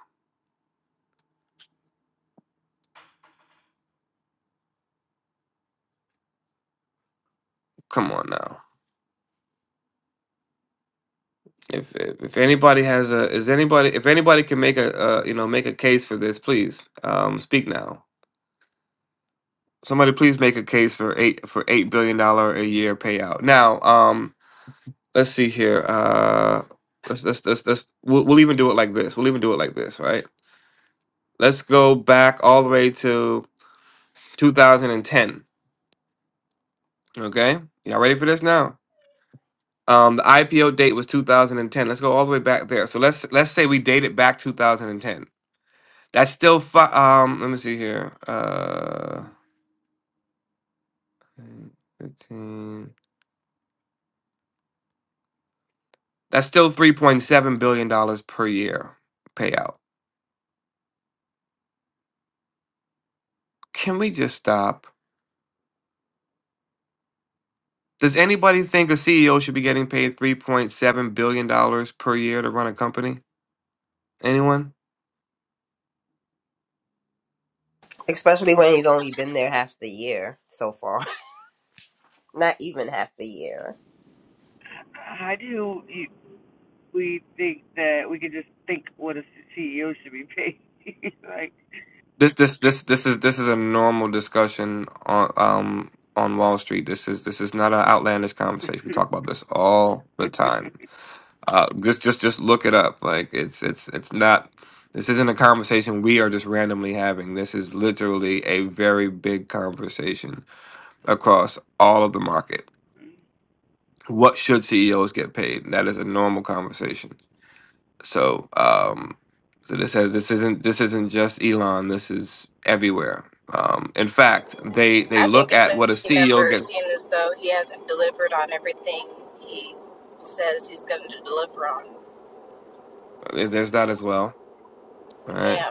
come on now if if if anybody has a is anybody if anybody can make a uh, you know make a case for this please um speak now somebody please make a case for eight for eight billion dollar a year payout now um let's see here uh let's let's let's, let's we'll, we'll even do it like this we'll even do it like this right let's go back all the way to 2010 okay y'all ready for this now Um, the IPO date was 2010. Let's go all the way back there. So let's let's say we date it back 2010. That's still fi- um. Let me see here. Uh, 15. That's still 3.7 billion dollars per year payout. Can we just stop? Does anybody think a CEO should be getting paid 3.7 billion dollars per year to run a company? Anyone? Especially when he's only been there half the year so far. Not even half the year. How do you, we think that we can just think what a CEO should be paid? like, This this this this is this is a normal discussion on um on Wall Street. This is this is not an outlandish conversation. We talk about this all the time. Uh, just just just look it up. Like it's it's it's not. This isn't a conversation we are just randomly having. This is literally a very big conversation across all of the market. What should CEOs get paid? That is a normal conversation. So um, so this has this isn't this isn't just Elon. This is everywhere. Um, in fact, they they I think look it's a at what a lucky CEO number, gets. seeing as though he hasn't delivered on everything he says he's going to deliver on. eh, There's that as well, right? Yeah.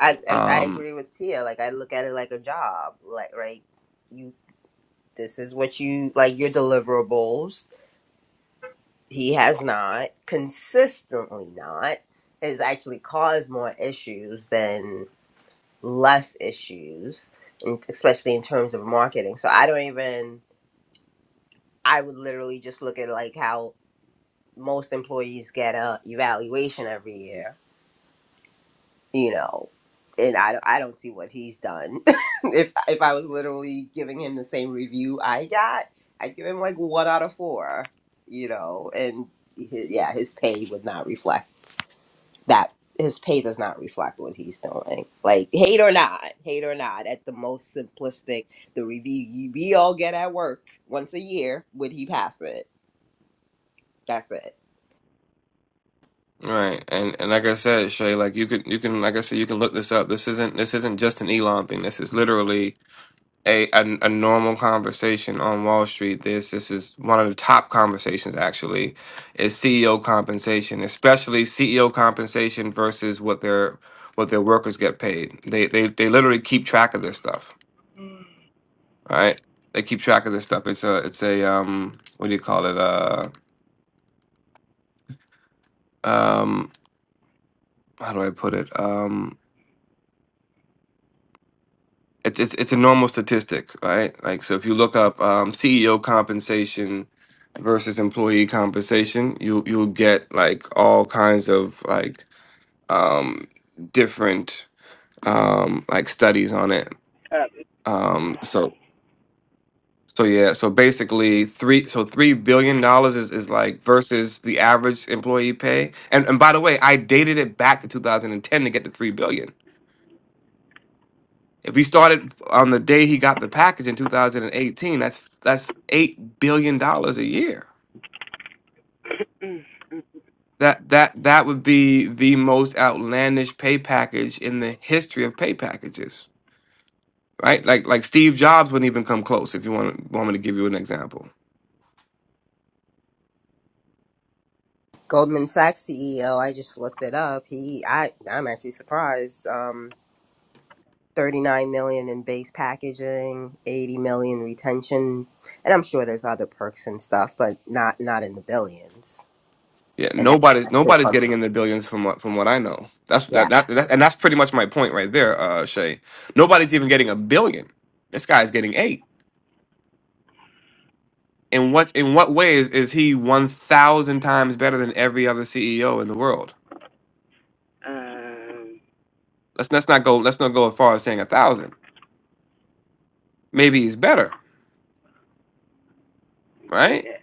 I, I I Um, agree with Tia. Like I look at it like a job. Like right you this is what you like your deliverables He has not, consistently not, has actually caused more issues than less issues, and especially in terms of marketing. So I don't even, I would literally just look at like how most employees get a evaluation every year, you know, and I, don't- I don't see what he's done. if, if I was literally giving him the same review I got, I'd give him like one out of four, you know, and hi yeah, his pay would not reflect. that his pay does not reflect what he's doing. Like hate or not, hate or not, at the most simplistic, the review you- we all get at work once a year, would he pass it? That's it. right, and and like I said, Shay, like you can you can like I said, you can look this up. This isn't this isn't just an Elon thing. This is literally a, a a normal conversation on Wall Street. This this is one of the top conversations actually is CEO compensation, especially CEO compensation versus what their what their workers get paid. They they they literally keep track of this stuff. All right, they keep track of this stuff. It's a it's a um what do you call it uh um how do I put it um It's it's it's a normal statistic, right? Like so, if you look up um, CEO compensation versus employee compensation, you you'll get like all kinds of like um, different um, like studies on it. uh, Um, so so yeah, so basically three so three billion dollars is, is like versus the average employee pay. And and by the way, I dated it back to 2010 to get to three billion. If he started on the day he got the package in 2018, that's that's eight billion dollars a year. That that that would be the most outlandish pay package in the history of pay packages, right? Like like Steve Jobs wouldn't even come close. If you want want me to give you an example, Goldman Sachs CEO, I just looked it up. He, I, I'm actually surprised. Um, 39 million in base packaging, 80 million retention, and I'm sure there's other perks and stuff, but not not in the billions. yeah, And that's nobody's an actual nobody's getting company. in the billions from what from what I know. That's that, Yeah. that, that and that's pretty much my point right there, uh, Shay. Nobody's even getting a billion. This guy's getting eight. In what in what ways is he one thousand times better than every other CEO in the world? um, Let's let's not go let's not go as far as saying a thousand. Maybe he's better, right? yeah.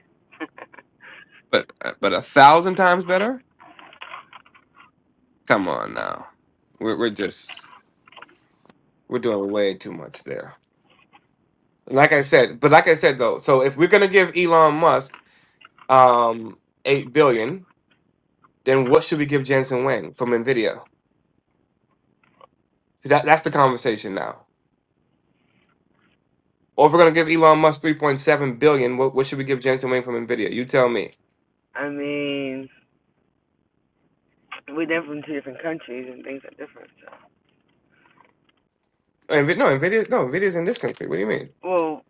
But but a thousand times better? Come on now, we're we're just we're doing way too much there. Like I said, but like I said though, so if we're gonna give Elon Musk um eight billion, then what should we give Jensen Wang from Nvidia? See that that's the conversation now. Or if we're gonna give Elon Musk three point seven billion, what, what should we give Jensen Wang from Nvidia? You tell me. I mean, we're they from two different countries and things are different. So. Oh, Nvi- no, Nvidia's no, Nvidia's in this country. What do you mean? Well,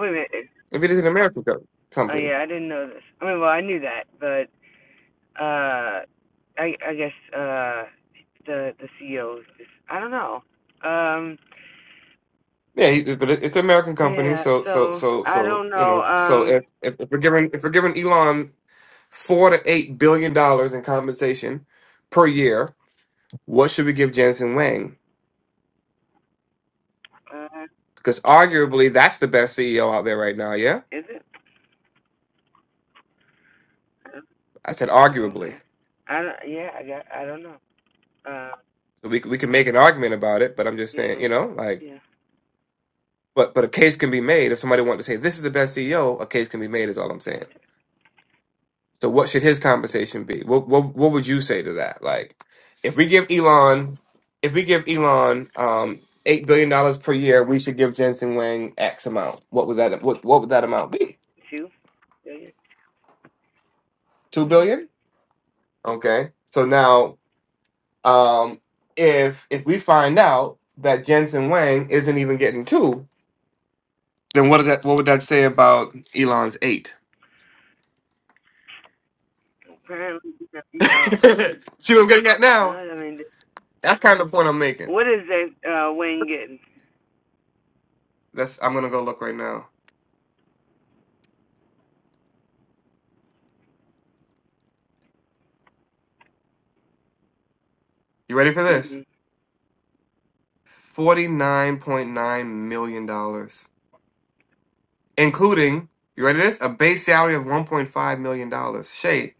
wait a minute. Nvidia's an American co- Oh company. yeah, I didn't know this. I mean, well, I knew that, but uh, I I guess uh, the the CEO. is just- I don't know. Um, Yeah, he, but it, it's an American company. yeah. So, so, So so, I so don't you know. know, so Um, if, if if we're giving if we're giving Elon four to eight billion dollars in compensation per year, what should we give Jensen Wang? uh, Because arguably, that's the best CEO out there right now. Yeah, is it? I said No. arguably. Okay. I don't. Yeah. I got. I don't know. Uh, So We c- we can make an argument about it, but I'm just saying, yeah. you know, like. Yeah. But but a case can be made if somebody wanted to say this is the best CEO. A case can be made is all I'm saying. Gotcha. So what should his compensation be? What what what would you say to that? Like if we give Elon if we give Elon um eight billion dollars per year, we should give Jensen Wang X amount. What would that what what would that amount be? Two. Yeah. yeah. Two Mm-hmm. billion? Okay. So now um if if we find out that Jensen Wang isn't even getting two, then what does that what would that say about Elon's eight? Apparently, you know. See what I'm getting at No, now? I mean, That's kind of the point I'm making. what is that uh, Wayne getting? That's I'm gonna go look right now. You ready for this? hmm Forty nine point nine million dollars, including you ready for this? A base salary of one point five million dollars. Shay,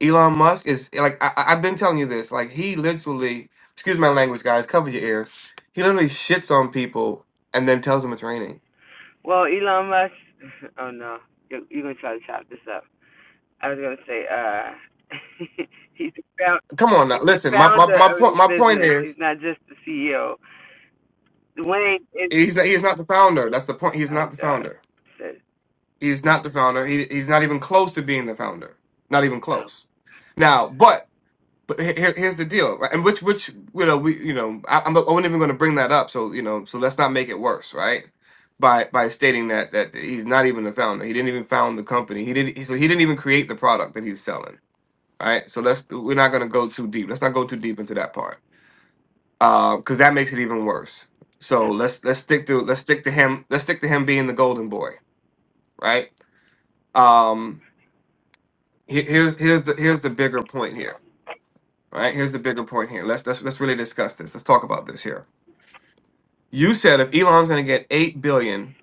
Elon Musk is like I, I- I've been telling you this. Like he literally, excuse my language, guys, cover your ears. He literally shits on people and then tells them it's raining. Well, Elon Musk. Oh no, you're, you're gonna try to chop this up. I was gonna say, uh, he's the found, Come on now, he's the listen. My my, founder my of point his my point business. He's is not just the CEO. Dwayne is. he's he's not the founder. That's the point. He's Oh not the God. founder. Says, He's not the founder. He, he's not even close to being the founder. Not even oh, close. Now, but but he- here, here's the deal, right? and which which you know we you know I, I'm not- I wasn't even going to bring that up. So you know so let's not make it worse, right? By by stating that that he's not even the founder. He didn't even found the company. He didn't. So he didn't even create the product that he's selling, right? So let's we're not going to go too deep. Let's not go too deep into that part because that makes it even worse. So let's let's stick to let's stick to him. Let's stick to him being the golden boy, right? Um, Here- here's here's the here's the bigger point here right here's the bigger point here let's let's, let's really discuss this let's talk about this here you said if elon's going to get 8 billion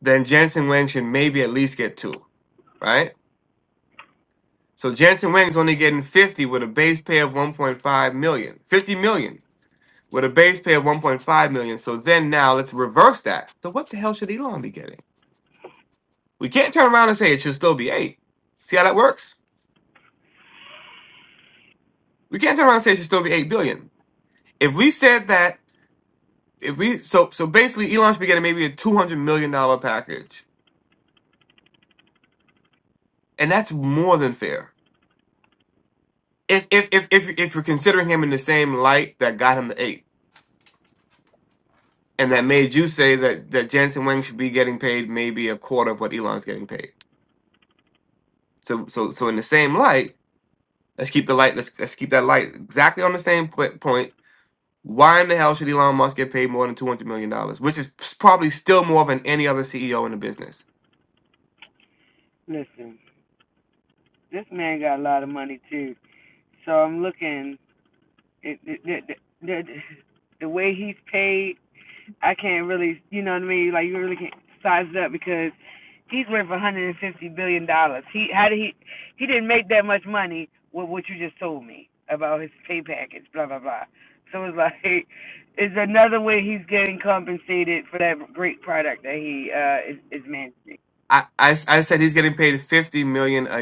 then jensen wang should maybe at least get 2 right so jensen wang's only getting 50 with a base pay of one point five million, fifty million with a base pay of 1.5 million so then now let's reverse that so what the hell should elon be getting we can't turn around and say it should still be 8 see how that works we can't turn around and say it should still be 8 billion if we said that if we so so basically Elon should be getting maybe a two hundred million dollar package, and that's more than fair. If if if if if you're considering him in the same light that got him the eight, and that made you say that that Jensen Wang should be getting paid maybe a quarter of what Elon's getting paid. So so so in the same light, let's keep the light. Let's let's keep that light exactly on the same pl- point. Why in the hell should Elon Musk get paid more than two hundred million dollars, which is probably still more than any other CEO in the business? listen, this man got a lot of money too. So I'm looking. It, it, the, the, the, the way he's paid I can't really, you know what I mean? Like you really can't size it up because he's worth 150 billion dollars. He how did he he didn't make that much money with what you just told me about his pay package, blah blah blah. So it's like it's another way he's getting compensated for that great product that he uh is, is managing. I, I I said he's getting paid fifty million a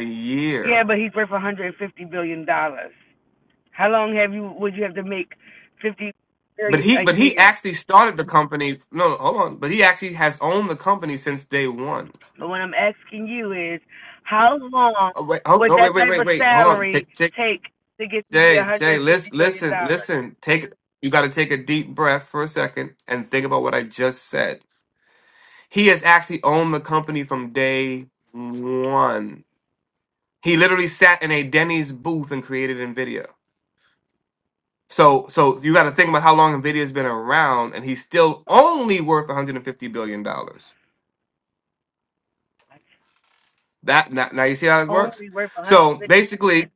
Yeah, year but he's worth 150 billion dollars. How long have you would you have to make 50 But billion he a but he year? actually started the company. No, no, hold on. But he actually has owned the company since day one. But what I'm asking you is, how long Oh wait, hold, would oh, that wait, wait, type wait, of wait. Hold on. salary Take, take, take to get to be Jay, Jay, 150 listen, billion listen, dollars? listen. Take you got to take a deep breath for a second and think about what I just said. He has actually owned the company from day one. He literally sat in a Denny's booth and created Nvidia. So, so you got to think about how long Nvidia's been around, and he's still only worth 150 billion dollars. It's That now, now you see how this works. Only worth So 150. basically,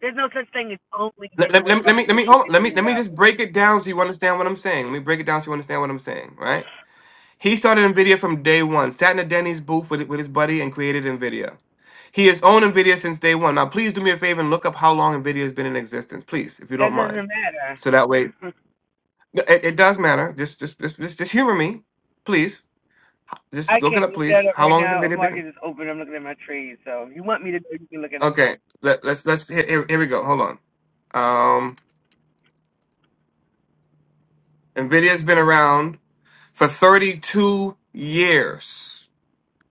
There's no such thing as only let, being let, let, worth me let me let 150 me hold on, let me billion let me just dollars. break it down so you understand what I'm saying. Let me break it down so you understand what I'm saying. Right? He started Nvidia from day one. Sat in a Denny's booth with with his buddy and created Nvidia. He has owned Nvidia since day one. Now, please do me a favor and look up how long Nvidia has been in existence, please, if you don't That mind. doesn't So that way, matter. No, it, it does matter. Just just just just, just humor me, please. I Just look it can't up, look that please. up How right long has now. The Nvidia been? market is open. I'm looking at my trees. So if you want me to, do it, you can look it up. Okay, let, let's let's here, here here we go. Hold on. Um, NVIDIA's been around for 32 years.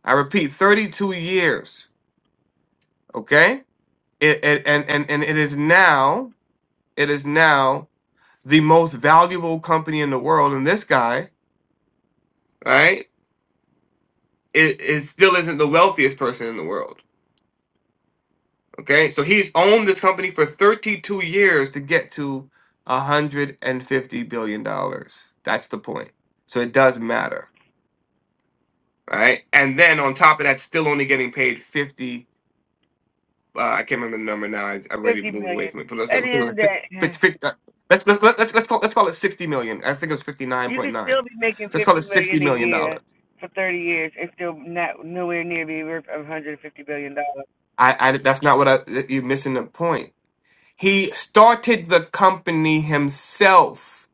I repeat, 32 years. Okay? It, it, and, and, and it is now, it is now the most valuable company in the world. And this guy, right, it, it still isn't the wealthiest person in the world. Okay? So he's owned this company for 32 years to get to $150 billion. dollars. That's the point. So it does matter. Right? And then on top of that, still only getting paid 50 Uh, I can't remember the number now. I, I already 50 moved away million. from it, but let's say it At the was end of like the 50, day. eh, fifty, uh, let's, let's let's let's let's call let's call it sixty million. I think it was fifty nine You point could nine. still be making Let's call it fifty sixty million a million year dollars. for thirty years and still not nowhere near be worth one hundred and fifty billion dollars. I, I that's not what I you're missing the point. He started the company himself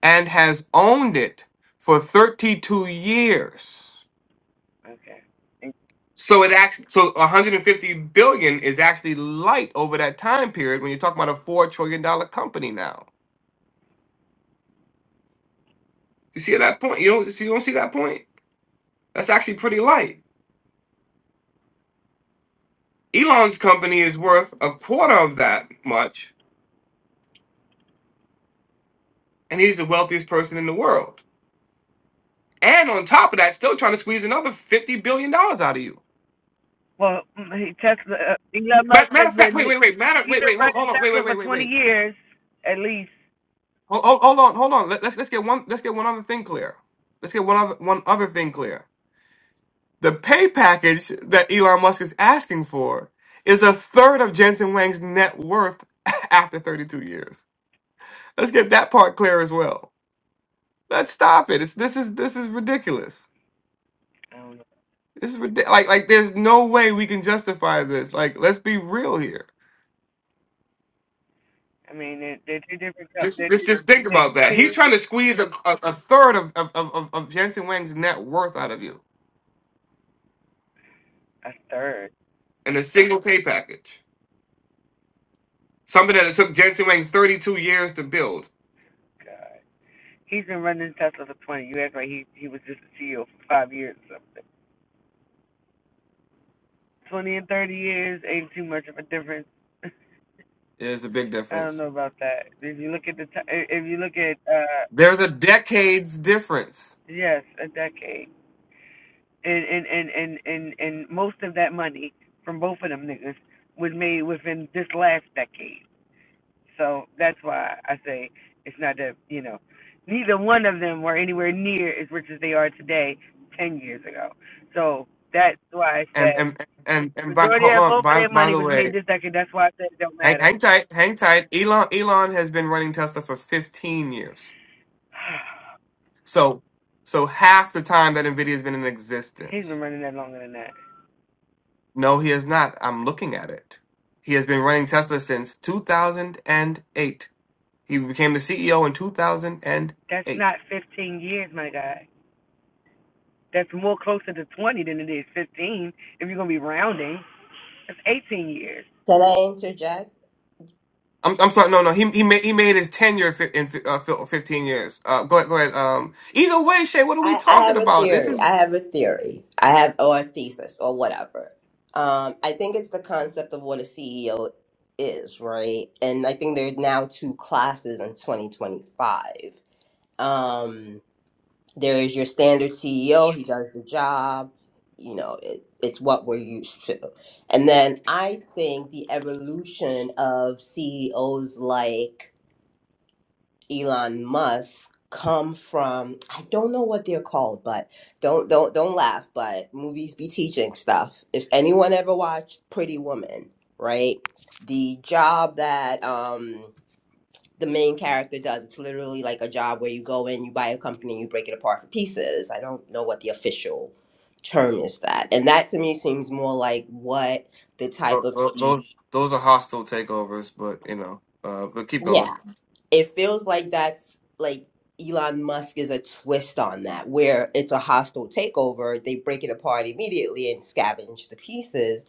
and has owned it for thirty two years. Okay. So it actually so 150 billion is actually light over that time period when you're talking about a four trillion dollar company now. You see that point? You don't you don't see that point? That's actually pretty light. Elon's company is worth a quarter of that much, and he's the wealthiest person in the world. And on top of that, still trying to squeeze another fifty billion dollars out of you. Well, Tesla, uh, Elon Musk Matter, matter has of fact, been wait, wait, wait, matter, he's wait, been wait, hold, hold running on, wait, wait, Tesla wait, for wait, twenty wait, years at least. hold, hold, hold on, hold on. Let, let's let's get one, let's get one other thing clear. Let's get one other one other thing clear. The pay package that Elon Musk is asking for is a third of Jensen Wang's net worth after 32 years. Let's get that part clear as well. Let's stop it. It's this is this is ridiculous. I don't know. This is ridiculous. Like like there's no way we can justify this. Like let's be real here. I mean, they're, they're two different companies. They're Just let's two, just think they're about that. He's two trying to squeeze a, a, a third of of, of of of Jensen Wang's net worth out of you a third. in a single pay package. Something that it took Jensen Wang 32 years to build. God, he's been running Tesla for twenty. You act like he he was just the CEO for five years or something. Twenty and thirty years ain't too much of a difference. There's a big I don't difference. know about that. If you look at the time, if you look at uh, There's a decades difference. yes, a decade, and and and and and and most of that money from both of them niggas was made within this last decade. So that's why I say it's not that you know, neither one of them were anywhere near as rich as they are today ten years ago. So that's why I And said and and and by, majority hold of on. both of By their by money the was made way, this decade. That's why I said it don't hang, matter. hang tight, hang tight. Elon Elon has been running Tesla for 15 years. So so half the time that Nvidia has been in He's existence. been running that longer than that. No, he has not. I'm looking at it. He has been running Tesla since 2008. He became the CEO in That's 2008. not 15 years, my guy. That's more closer to 20 than it is 15. If you're gonna be rounding, that's 18 years. Can I interject? I'm, I'm sorry. No, no. He he made he made his tenure fi- in fi- uh, fil- 15 years. Uh, go ahead. Go ahead. Um. Either way, Shay, what are we I, I talking have a about? This theory. is I have a theory. I have or a thesis or whatever. Um, I think it's the concept of what a CEO is, right? And I think there are now two classes in 2025. Um, there is your standard CEO. He does the job. You know, it, it's what we're used to. And then I think the evolution of CEOs like Elon Musk come from I don't know what they're called, but don't don't don't laugh, but movies be teaching stuff. If anyone ever watched Pretty Woman, right? The job that um the main character does, it's literally like a job where you go in, you buy a company, you break it apart for pieces. I don't know what the official term is that. And that to me seems more like what the type tho- of tho- those those are hostile takeovers, but you know. Uh, but keep CEO going. it feels like that's like Elon Musk is a twist on that, where it's a hostile takeover. They break it apart immediately and scavenge the pieces,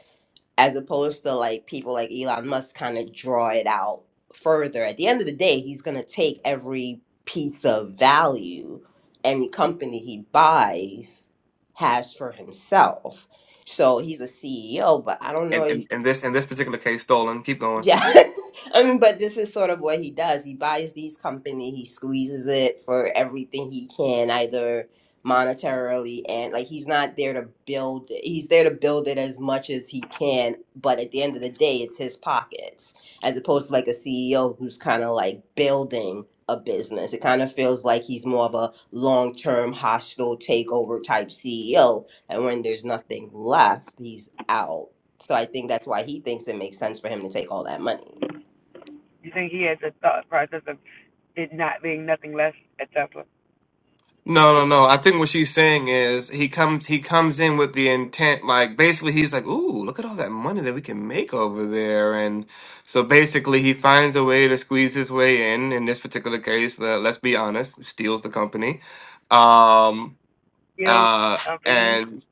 as opposed to like people like Elon Musk kind of draw it out further. At the end of the day, he's going to take every piece of value any company he buys has for himself. So he's a CEO, but I don't know. And, if and and this in this particular case, stolen. Keep going. yeah. I mean, but this is sort of what he does. He buys these company, he squeezes it for everything he can, either monetarily and like he's not there to build he's there to build it as much as he can, but at the end of the day it's his pockets. As opposed to like a CEO who's kinda like building a business. It kind of feels like he's more of a long term hostile takeover type CEO. And when there's nothing left, he's out. So I think that's why he thinks it makes sense for him to take all that money. You think he has a thought process of it not being nothing less at Tesla? No, no, It's no. I think what she's saying is he comes he comes in with the intent like basically he's like, "Ooh, look at all that money that we can make over there." And so basically he finds a way to squeeze his way in in this particular case, le- let's be honest, steals the company. Um skilled uh company. and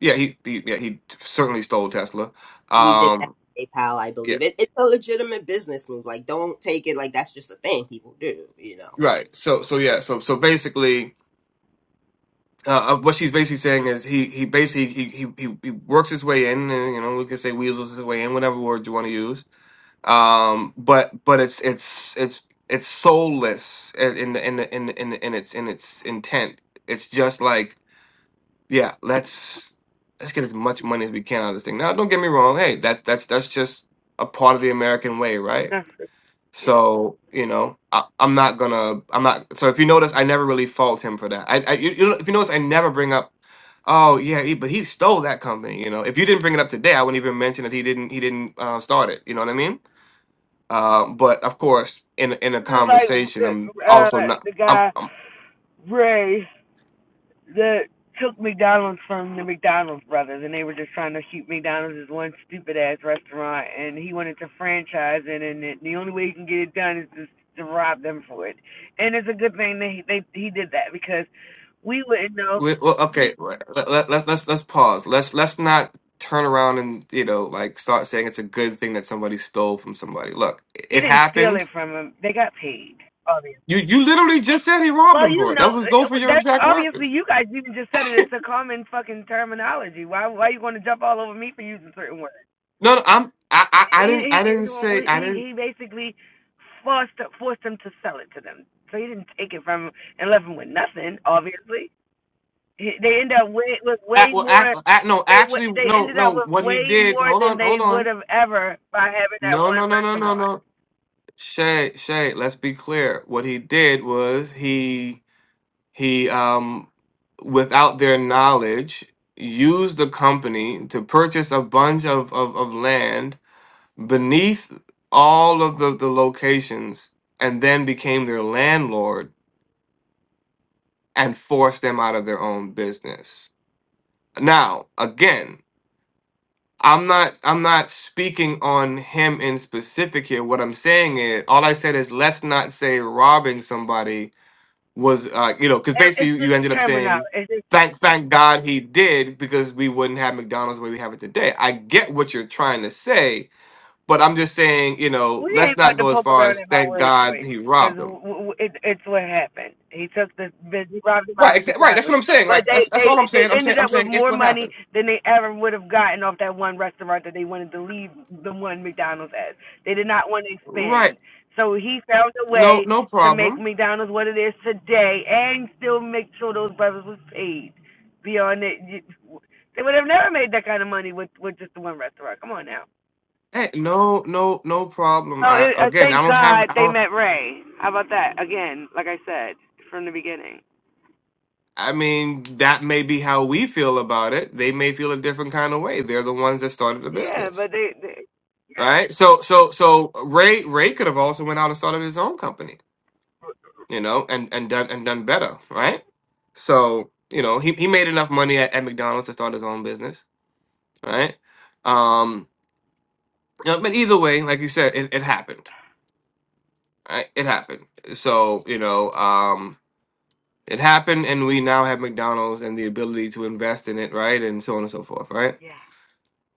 yeah, he, he yeah, he certainly stole Tesla. He did that Um with PayPal, I yeah, believe. It, it's a legitimate business move. Like, don't take it like that's just a thing people do, you know. It, right. So so yeah, so so basically uh, uh, what she's basically saying is he he basically he, he he he works his way in, and you know we can say weasels his way in, whatever word you want to use. Um, but but it's it's it's it's soulless in in in in in, in its in its intent. It's just like yeah, let's let's get as much money as we can out of this thing. Now, don't get me wrong. Hey, that that's that's just a part of the American way, right? yeah, So you know, I, I'm not gonna. I'm not. So if you notice, I never really fault him for that. I, I you, you know, if you notice, I never bring up. Oh yeah, he, but he stole that company. You know, if you didn't bring it up today, I wouldn't even mention that he didn't. He didn't uh, start it. You know what I mean? Um, but of course, in in a this is like conversation, I'm uh, also not. the I'm, guy I'm Ray. that took McDonald's from the McDonald's brothers, and they were just trying to shoot McDonald's as one stupid ass restaurant, and he wanted to franchise it, and it, the only way he can get it done is just to rob them for it. And it's a good thing that he they, he did that because we wouldn't know. we, well, okay. right, Let, let, let's let's let's pause. Let's let's not turn around and you know like start saying it's a good thing that somebody stole from somebody. Look, He it didn't steal happened it from them. They got paid. Obviously. You you literally just said he robbed Well, him you for it. know, That was those were your that's exact obviously words. you guys even just said it. It's a common fucking terminology. Why why you want to jump all over me for using certain words? No, no, I'm I I, I didn't he I he didn't say he I didn't. he basically forced forced them to sell it to them. So he didn't take it from him and left them with nothing. Obviously, He- they end up way, with Act, way well, more. act, act, no, They wa- actually, they no, ended up no. with What he way did? more Hold than on, hold they would on. have ever by having that No, one no, no, no, no, restaurant. no. Shay, Shay. Let's be clear. What he did was he he um without their knowledge used the company to purchase a bunch of of, of land beneath all of the the locations and then became their landlord and force them out of their own business. Now, again, I'm not I'm not speaking on him in specific here. What I'm saying is all I said is let's not say robbing somebody was uh you know, cuz It, basically you, it's you just ended up terminology. saying It's just thank thank God he did because we wouldn't have McDonald's the way we have it today. I get what you're trying to say, but I'm just saying, you know, We let's ain't about not to go as poke far around as in my thank word God choice he robbed because them. w- w- it, it's what happened. He took the bitch, he robbed him out Right, of exa- right, that's what McDonald's, I'm saying. but Like that's they that's all I'm they they saying. I'm saying ended I'm up with saying it's more what money happened. than they ever would have gotten off that one restaurant that they wanted to leave the one McDonald's as. They did not want to Right. expand, so he found a No, way no to make problem. McDonald's what it is today and still make sure those brothers was paid. Beyond it, you- they would have never made that kind of money with with just the one restaurant. Come on now. Hey, no, no, no problem. Oh, I, it, uh, again, I thank don't have. God I they don't. met Ray. How about that? Again, like I said from the beginning. I mean, that may be how we feel about it. They may feel a different kind of way. They're the ones that started the Yeah, business, but they, they yeah, right? So, so, so Ray, Ray could have also went out and started his own company, you know, and and done and done better, right? So, you know, he he made enough money at, at McDonald's to start his own business, right? Um, you know, but either way, like you said, it, it happened, right? It happened. So, you know, um. It happened, and we now have McDonald's and the ability to invest in it, right, and so on and so forth, right? yeah.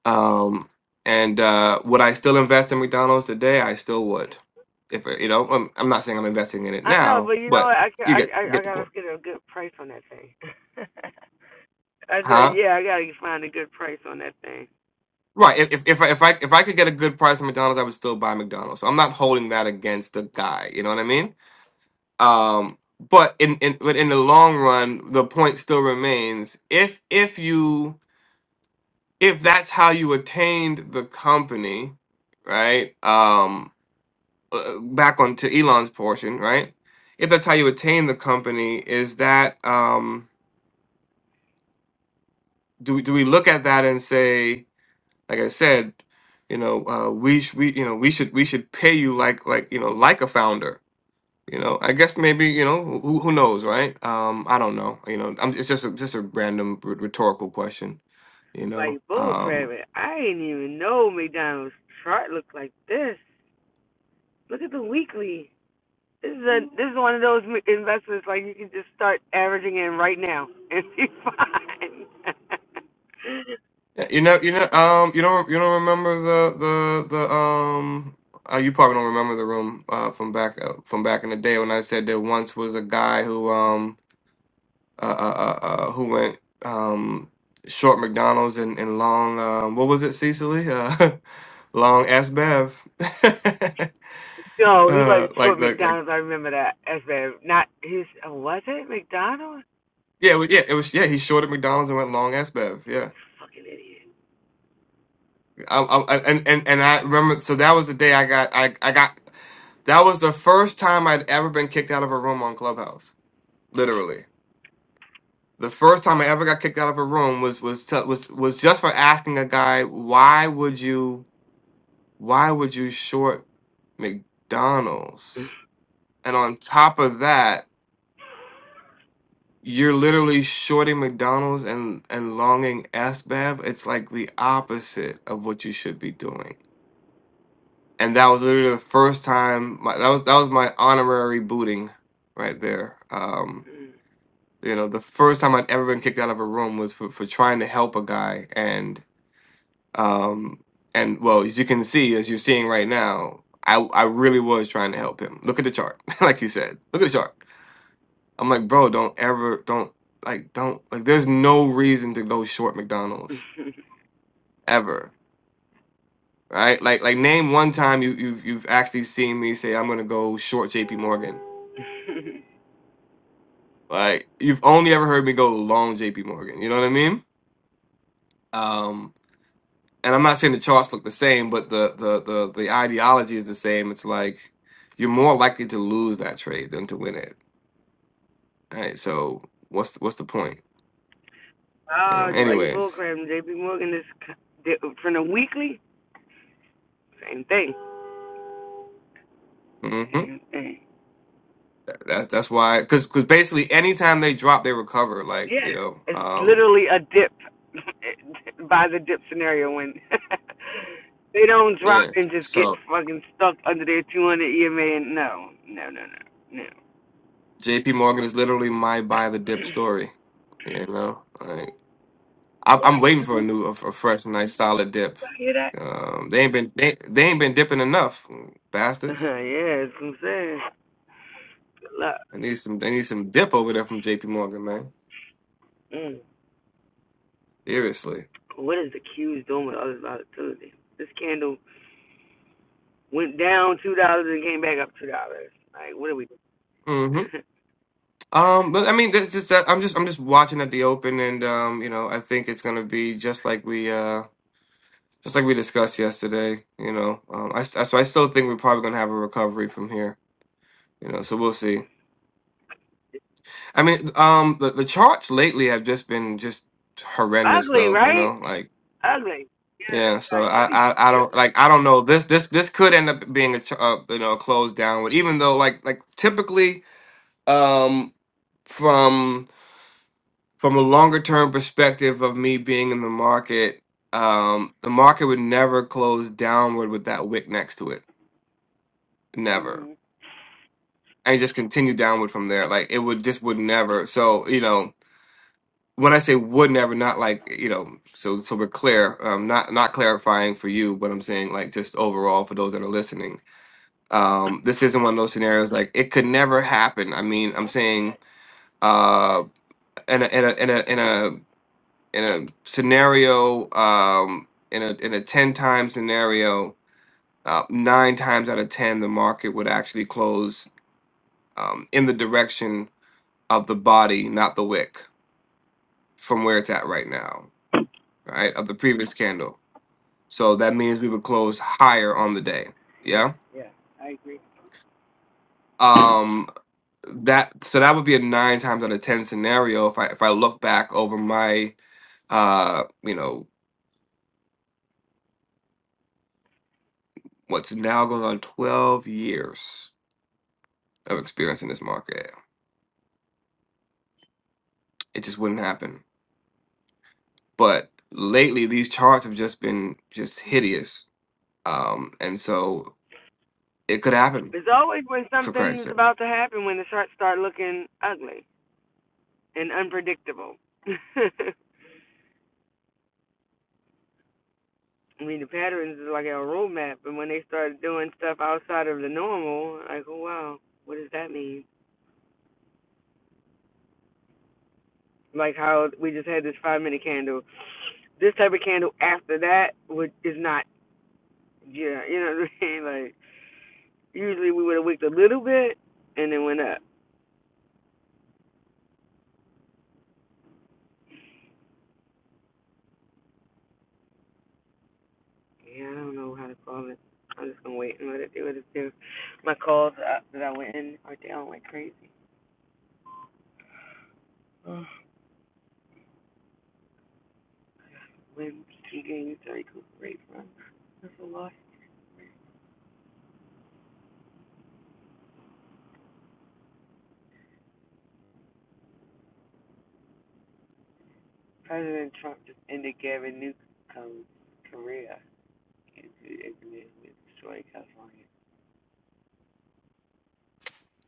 Um, and uh, would I still invest in McDonald's today? I still would. If it- you know, I'm, I'm not saying I'm investing in it I know, but now, you know but what? I can, you I, get I get I the gotta point, get a good price on that thing. I said, huh? yeah, I gotta find a good price on that thing. Right. If if if I if I, if I could get a good price from McDonald's, I would still buy McDonald's. So I'm not holding that against the guy. You know what I mean? Um, but in, in but in the long run, the point still remains: if if you if that's how you attained the company, right? Um, uh, back on to Elon's portion, right? If that's how you attain the company, is that um, do we, do we look at that and say, like I said, you know, uh, we sh- we you know we should we should pay you like like you know like a founder. You know, I guess maybe you know who who knows, right? Um, I don't know. You know, I'm, it's just a, just a random r- rhetorical question. You know, Like bull um, crabbing, I didn't even know McDonald's chart looked like this. Look at the weekly. This is a this is one of those m- investments like you can just start averaging in right now and be fine. Yeah, you know, you know, um, you don't, you don't remember the, the, the, um, uh, you probably don't remember the room uh, from back, uh, from back in the day when I said there once was a guy who, um, uh, uh, uh, uh who went, um, short McDonald's and, and long, um, what was it, Cecily? Uh, long S Bev. No, he uh, wasn't like short the, like, McDonald's. I remember that. That's bad. Not his. Oh, was it McDonald's? yeah, it was- yeah, it was, yeah, he shorted McDonald's and went long S Bev. yeah. Fucking idiot. I, I, and and and I remember. So that was the day I got I I got. That was the first time I'd ever been kicked out of a room on Clubhouse. Literally, the first time I ever got kicked out of a room was was t- was was just for asking a guy why would you why would you short McDonald's, and on top of that. You're literally shorting McDonald's and and longing SBAV. It's like the opposite of what you should be doing. and that was literally the first time my that was that was my honorary booting right there um you know the first time i'd ever been kicked out of a room was for, for trying to help a guy and um and well as you can see as you're seeing right now i i really was trying to help him look at the chart like you said look at the chart i'm like bro don't ever don't like don't like there's no reason to go short mcdonald's ever right like like name one time you you've, you've actually seen me say i'm gonna go short jp morgan Like you've only ever heard me go long JP Morgan. You know what I mean? Um, and I'm not saying the charts look the same, but the the the the ideology is the same. It's like you're more likely to lose that trade than to win it. Right? So what's what's the point? You know. oh, Dwight Anyways, Bullcrap, J.P. Morgan is from the weekly. Same thing. hmm Same thing. that, that's why because because basically anytime they drop, they recover. Like Yeah, you know, it's um, literally a dip by the dip scenario when they don't drop yeah. and just get So fucking stuck under their 200 EMA. And no, no, no, no, no. JP Morgan is literally my buy the dip story. You know, Like, I, I'm waiting for a new, a, a fresh, nice, solid dip. You hear that? Um, they ain't been they, they ain't been dipping enough, bastards. yeah, that's what I'm saying. Good luck. I need some they need some dip over there from J.P. Morgan, man. Mm. Seriously. What is the Q's doing with other volatility? This candle went down two dollars and came back up two dollars. Like, what are we? hmm Doing? Um, but I mean, that's just that I'm just I'm just watching at the open, and um, you know, I think it's gonna be just like we uh just like we discussed yesterday. You know, um, I, s- I- so I still think we're probably gonna have a recovery from here. You know, so we'll see. I mean, um, the the charts lately have just been just horrendous, Ugly, though. You right? know, like. Ugly. Yeah, so Like, I, I I don't like I don't know this this this could end up being a ch- uh, you know a closed downward even though like like typically um from from a longer term perspective of me being in the market um the market would never close downward with that wick next to it never Mhm. and just continue downward from there like it would just would never so you know when I say would never not like you know so so we're clear um not not clarifying for you but I'm saying like just overall for those that are listening um this isn't one of those scenarios like it could never happen i mean i'm saying uh in a in a in a in a, in a scenario um in a in a 10 time scenario uh, nine times out of ten the market would actually close um in the direction of the body not the wick from where it's at right now right of the previous candle so that means we would close higher on the day Yeah, yeah yeah. I agree. Um, that so that would be a nine times out of ten scenario if I if I look back over my uh you know what's now going on twelve years of experience in this market. It just wouldn't happen. But lately these charts have just been just hideous. Um and so it could happen It's always when for something Christ's is sake. about to happen when the charts start looking ugly and unpredictable. I mean, the patterns is like a roadmap, and when they start doing stuff outside of the normal, like, oh wow, what does that mean? like how we just had this five minute candle. This type of candle after that would is not yeah, you know what I mean? Like usually we would have wicked a little bit and then went up. Yeah, I don't know how to call it. I'm just gonna wait and let it do what it do. My calls uh, that I went in are down like crazy. Ugh. When key gains to recuperate from that's a loss. President Trump just ended Gavin Newsom's career into the internet with destroying California.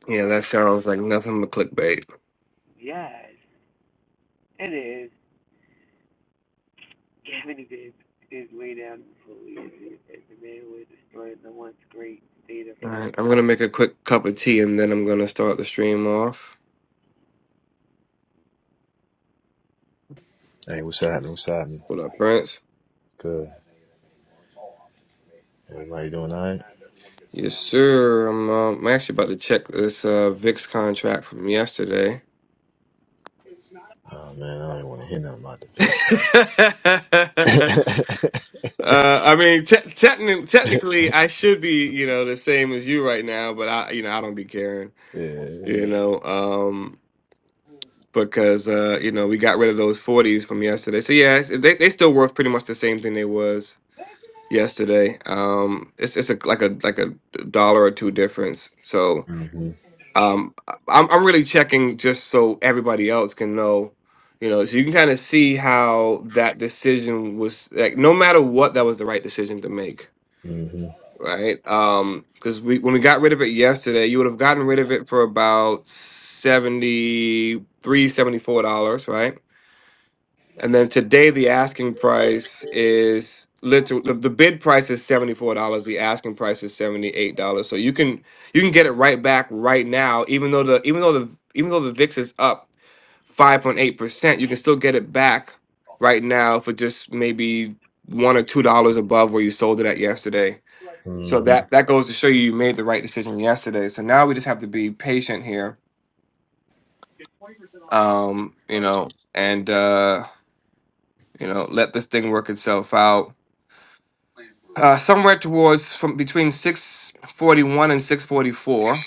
Yeah, that What? sounds like nothing but clickbait. Yes, it is. Gavin is his, way down before as the man who had destroyed the once great state of All California. right, I'm gonna make a quick cup of tea and then I'm gonna start the stream off. Hey, what's happening? What's happening? What up, Prince? Good. Everybody doing all right? Yes, sir. I'm, uh, I'm actually about to check this uh, VIX contract from yesterday. Oh, man, I don't want to hear nothing about the uh, Vicks, man. I mean, te- techni- technically, I should be, you know, the same as you right now, but I, you know, I don't be caring, you yeah. know, um, because uh, you know we got rid of those forties from yesterday. So yeah, it's, they they still worth pretty much the same thing they was yesterday. Um, it's it's a, like a like a dollar or two difference. So Mm-hmm. um I'm, I'm really checking just so everybody else can know you know so you can kind of see how that decision was like no matter what that was the right decision to make Mm-hmm. right um because we when we got rid of it yesterday you would have gotten rid of it for about 73, 74 dollars right and then today, the asking price is literally the the bid price is seventy four dollars. The asking price is seventy eight dollars. So you can you can get it right back right now, even though the even though the even though the VIX is up five point eight percent, you can still get it back right now for just maybe one or two dollars above where you sold it at yesterday. So Mm-hmm. that that goes to show you you made the right decision yesterday. So now we just have to be patient here, um, you know, and uh, you know let this thing work itself out uh, somewhere towards from between 641 and 644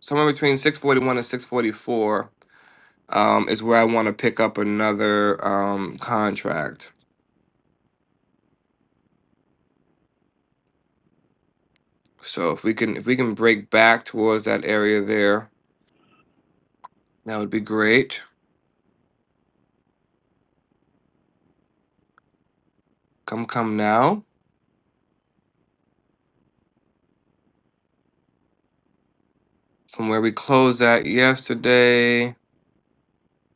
somewhere between 641 and 644 um, is where i want to pick up another um, contract so if we can if we can break back towards that area there that would be great come come now from where we closed at yesterday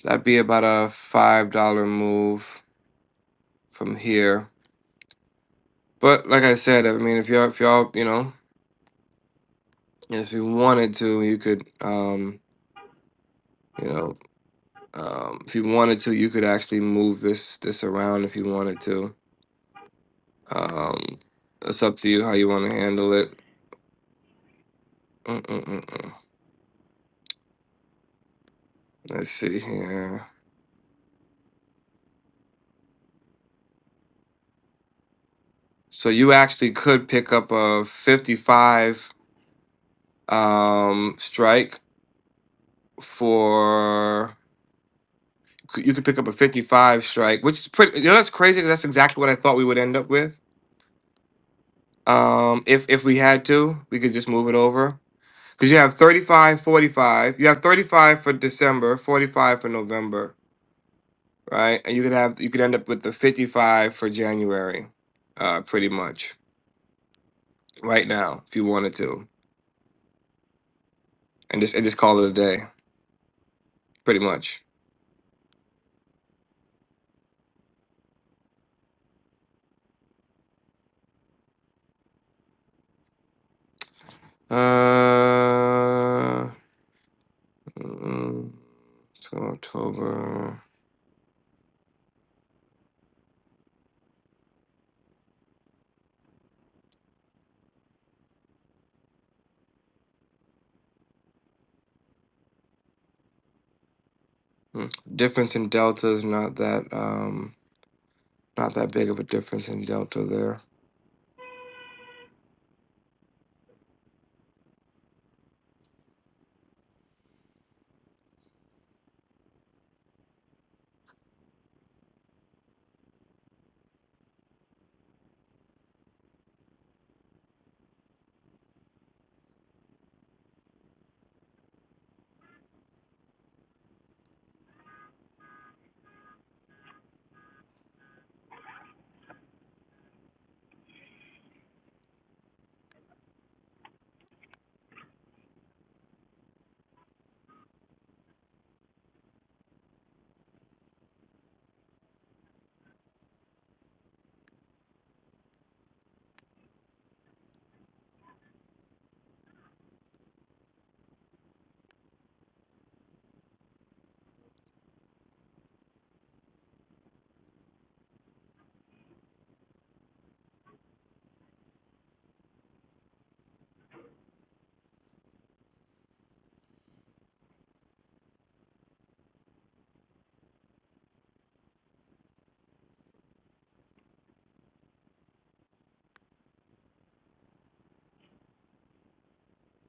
that'd be about a five dollar move from here but like i said i mean if y'all if y'all you know if you wanted to you could um you know. Um, if you wanted to, you could actually move this this around if you wanted to. Um, it's up to you how you want to handle it. Mm-mm-mm-mm. Let's see here. So you actually could pick up a 55 um, strike for. c- You could pick up a 55 strike, which is pretty. You know that's crazy because that's exactly what I thought we would end up with. Um, if if we had to, we could just move it over. Because you have 35, 45. You have 35 for December, 45 for November, right? And you could have you could end up with the 55 for January, uh, pretty much. Right now, if you wanted to. And just and just call it a day, pretty much. Uh mm, so October. mm, Difference in delta is not that um not that big of a difference in delta there.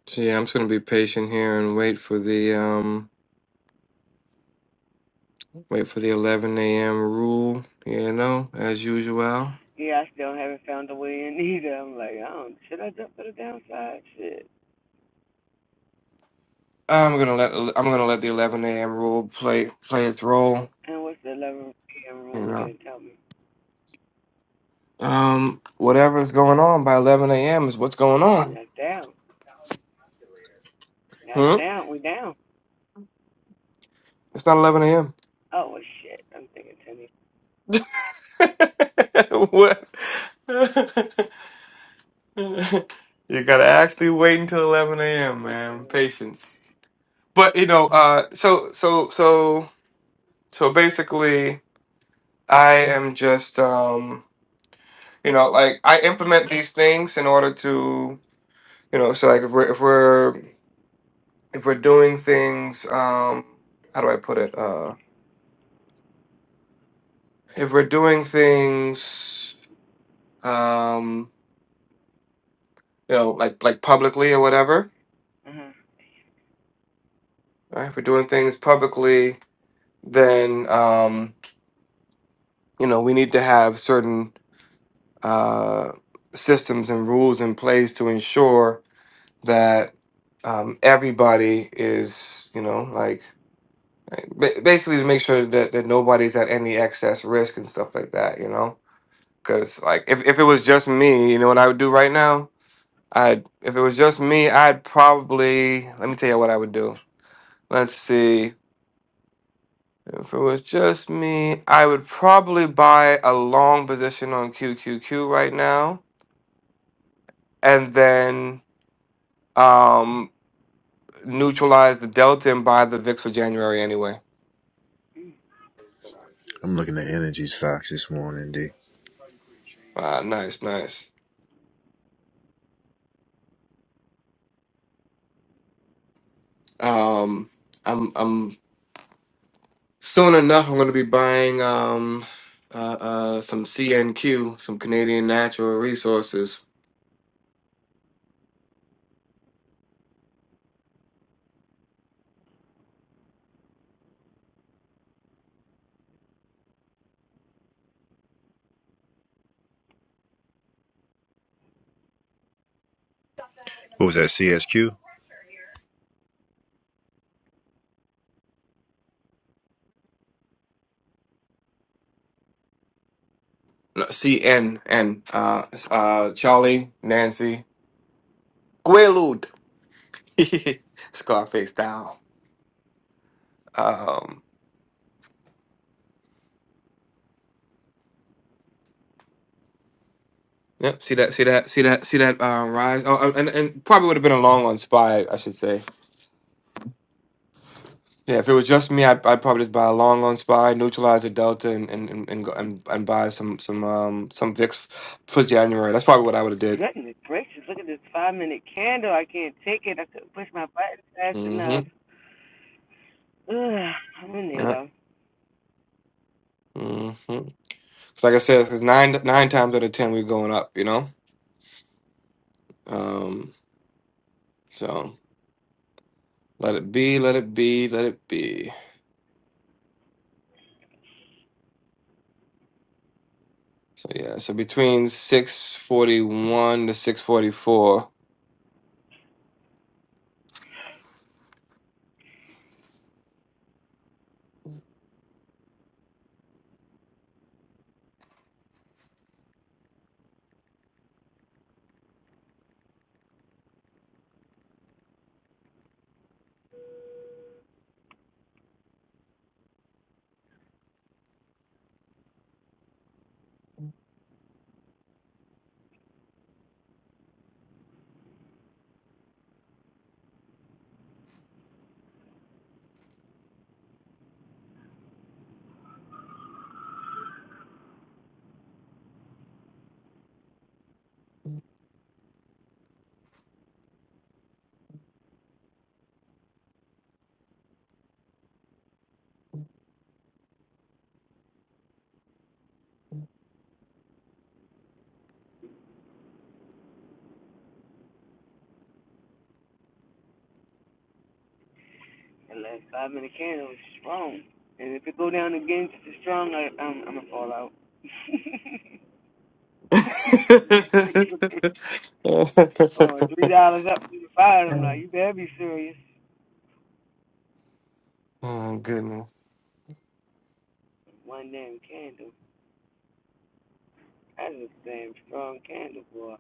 So yeah, I'm just gonna be patient here and wait for the um Wait for the 11 a.m. rule, you know, as usual. Yeah, I still haven't found a way in either. I'm like, I don't, should I jump to the downside? Shit. I'm gonna let I'm gonna let the 11 a.m. rule play play its role, And what's the 11 p.m. you rule know. again? Tell me. Um, whatever's going on by 11 a.m. is what's going And on. that's down. That's Hmm? down. We down. It's not 11 a.m. Oh, well, shit. I'm thinking what? you gotta actually wait until 11 a.m., 10 man. Patience. But you know, uh, so so so so basically, I am just um. you know like i implement these things in order to you know so like if we're if we're if we're doing things um how do i put it uh if we're doing things um you know like like publicly or whatever uh-huh. right if we're doing things publicly then um you know we need to have certain uh systems and rules in place to ensure that um everybody is you know like Ba- basically to make sure that, that nobody's at any excess risk and stuff like that you know because like if, if it was just me you know what i would do right now i'd if it was just me i'd probably let me tell you what i would do let's see if it was just me i would probably buy a long position on qqq right now and then um neutralize the delta and buy the vix for january anyway I'm looking at energy stocks this morning, D. Ah, nice nice um i'm i'm Soon enough, I'm going to be buying um, uh, uh, some CNQ, some Canadian Natural Resources. What was that? CSQ? No, CNN, uh, uh, Charlie, Nancy, Quaalude, Scarface style. Um, yep. See that? See that? See that? See that? Uh, rise. Oh, uh, and and probably would have been a long on Spy, I should say. Yeah, if it was just me, I'd, I'd probably just buy a long on Spy, neutralize the Delta, and and and and, go, and, and buy some some um some Vicks for January. That's probably what I would have did. Goodness gracious, look at this five minute candle. I can't take it. I couldn't push my button fast enough. Mm-hmm. Ugh, I'm in there though. hmm like I said, because nine nine times out of ten we're going up, you know. Um, so let it be, let it be, let it be. So yeah, so between six forty one to six forty four. The last five minute candle was strong. And if it go down again just as strong, I, I'm, I'm gonna fall out. oh Oh, three dollars up from the bottom. Like you better be serious. goodness. One damn candle. That's a damn strong candle, boy.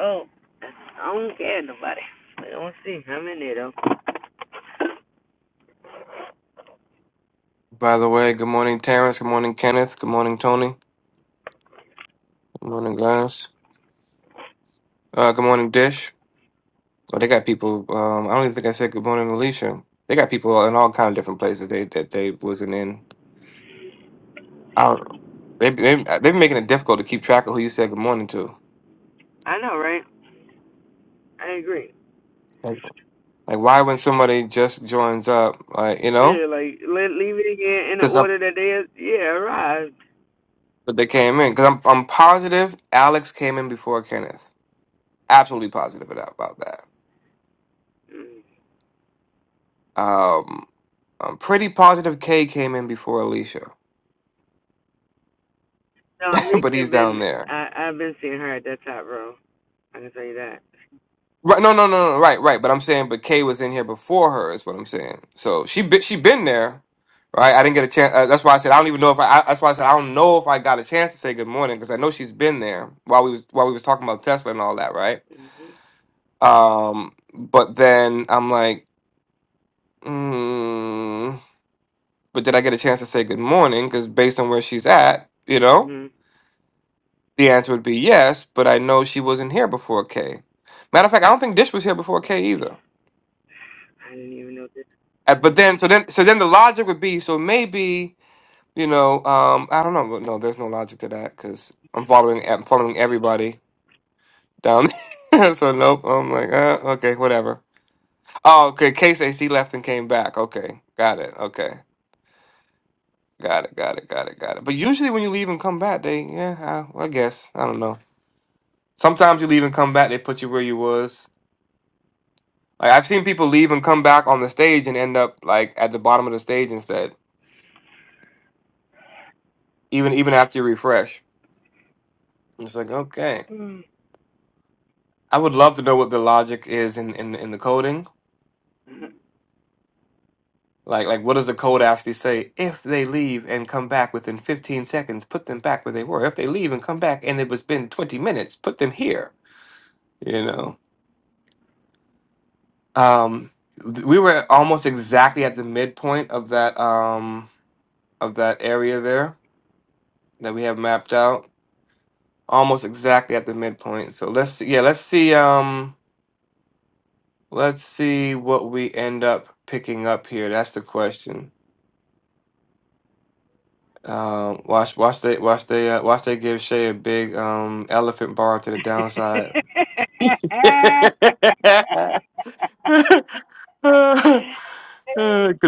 Oh, that's a strong candle, buddy. I don't see. I'm in there though. By the way, good morning, Terrence. Good morning, Kenneth. Good morning, Tony. Good morning, guys. Uh, good morning, Dish. Oh, they got people. Um, I don't even think I said good morning, Alicia. They got people in all kind of different places. They that they wasn't in. I don't know. They they they've been making it difficult to keep track of who you said good morning to. I know, right? I agree. Like like, why when somebody just joins up, like you know, Yeah, like let leave it again in the because I'm order that they yeah arrived. but they came in because I'm I'm positive Alex came in before Kenneth. Absolutely positive about about that. Mm. Um, I'm pretty positive Kay came in before Alicia, No, at least but he's I've down been there. I I've been seeing her at that top row. I can tell you that. Right, no, no, no, no, right, right. But I'm saying, but Kay was in here before her, is what I'm saying. So she be, she been there, right? I didn't get a chance. Uh, that's why I said I don't even know if I, I. That's why I said I don't know if I got a chance to say good morning because I know she's been there while we was while we was talking about Tesla and all that, right? Mhm. Um, but then I'm like, mm, but did I get a chance to say good morning? Because based on where she's at, you know, Mhm. the answer would be yes. But I know she wasn't here before Kay. Matter of fact, I don't think Dish was here before Kay either. I didn't even know this. Uh, But then, so then, so then the logic would be, so maybe you know, um, I don't know, but no, there's no logic to that because I'm following, I'm following everybody down. there. so nope, I'm like, uh, okay, whatever. Oh, okay, KCC left and came back. Okay, got it. Okay, got it, got it, got it, got it. But usually when you leave and come back, they, yeah, I, I guess I don't know. Sometimes you leave and come back, they put you where you was. Like I've seen people leave and come back on the stage and end up like at the bottom of the stage instead, even even after you refresh. It's like okay. right. I would love to know what the logic is in, in, in the coding. Like, like, what does the code actually say? If they leave and come back within 15 seconds, put them back where they were. If they leave and come back and it was been 20 minutes, put them here. You know, um, th- we were almost exactly at the midpoint of that um, of that area there that we have mapped out. Almost exactly at the midpoint. So let's yeah, let's see um, let's see what we end up picking up here. That's the question. Um, watch, watch they, watch they, uh, watch they give Shay a big um elephant bar to the downside. Cause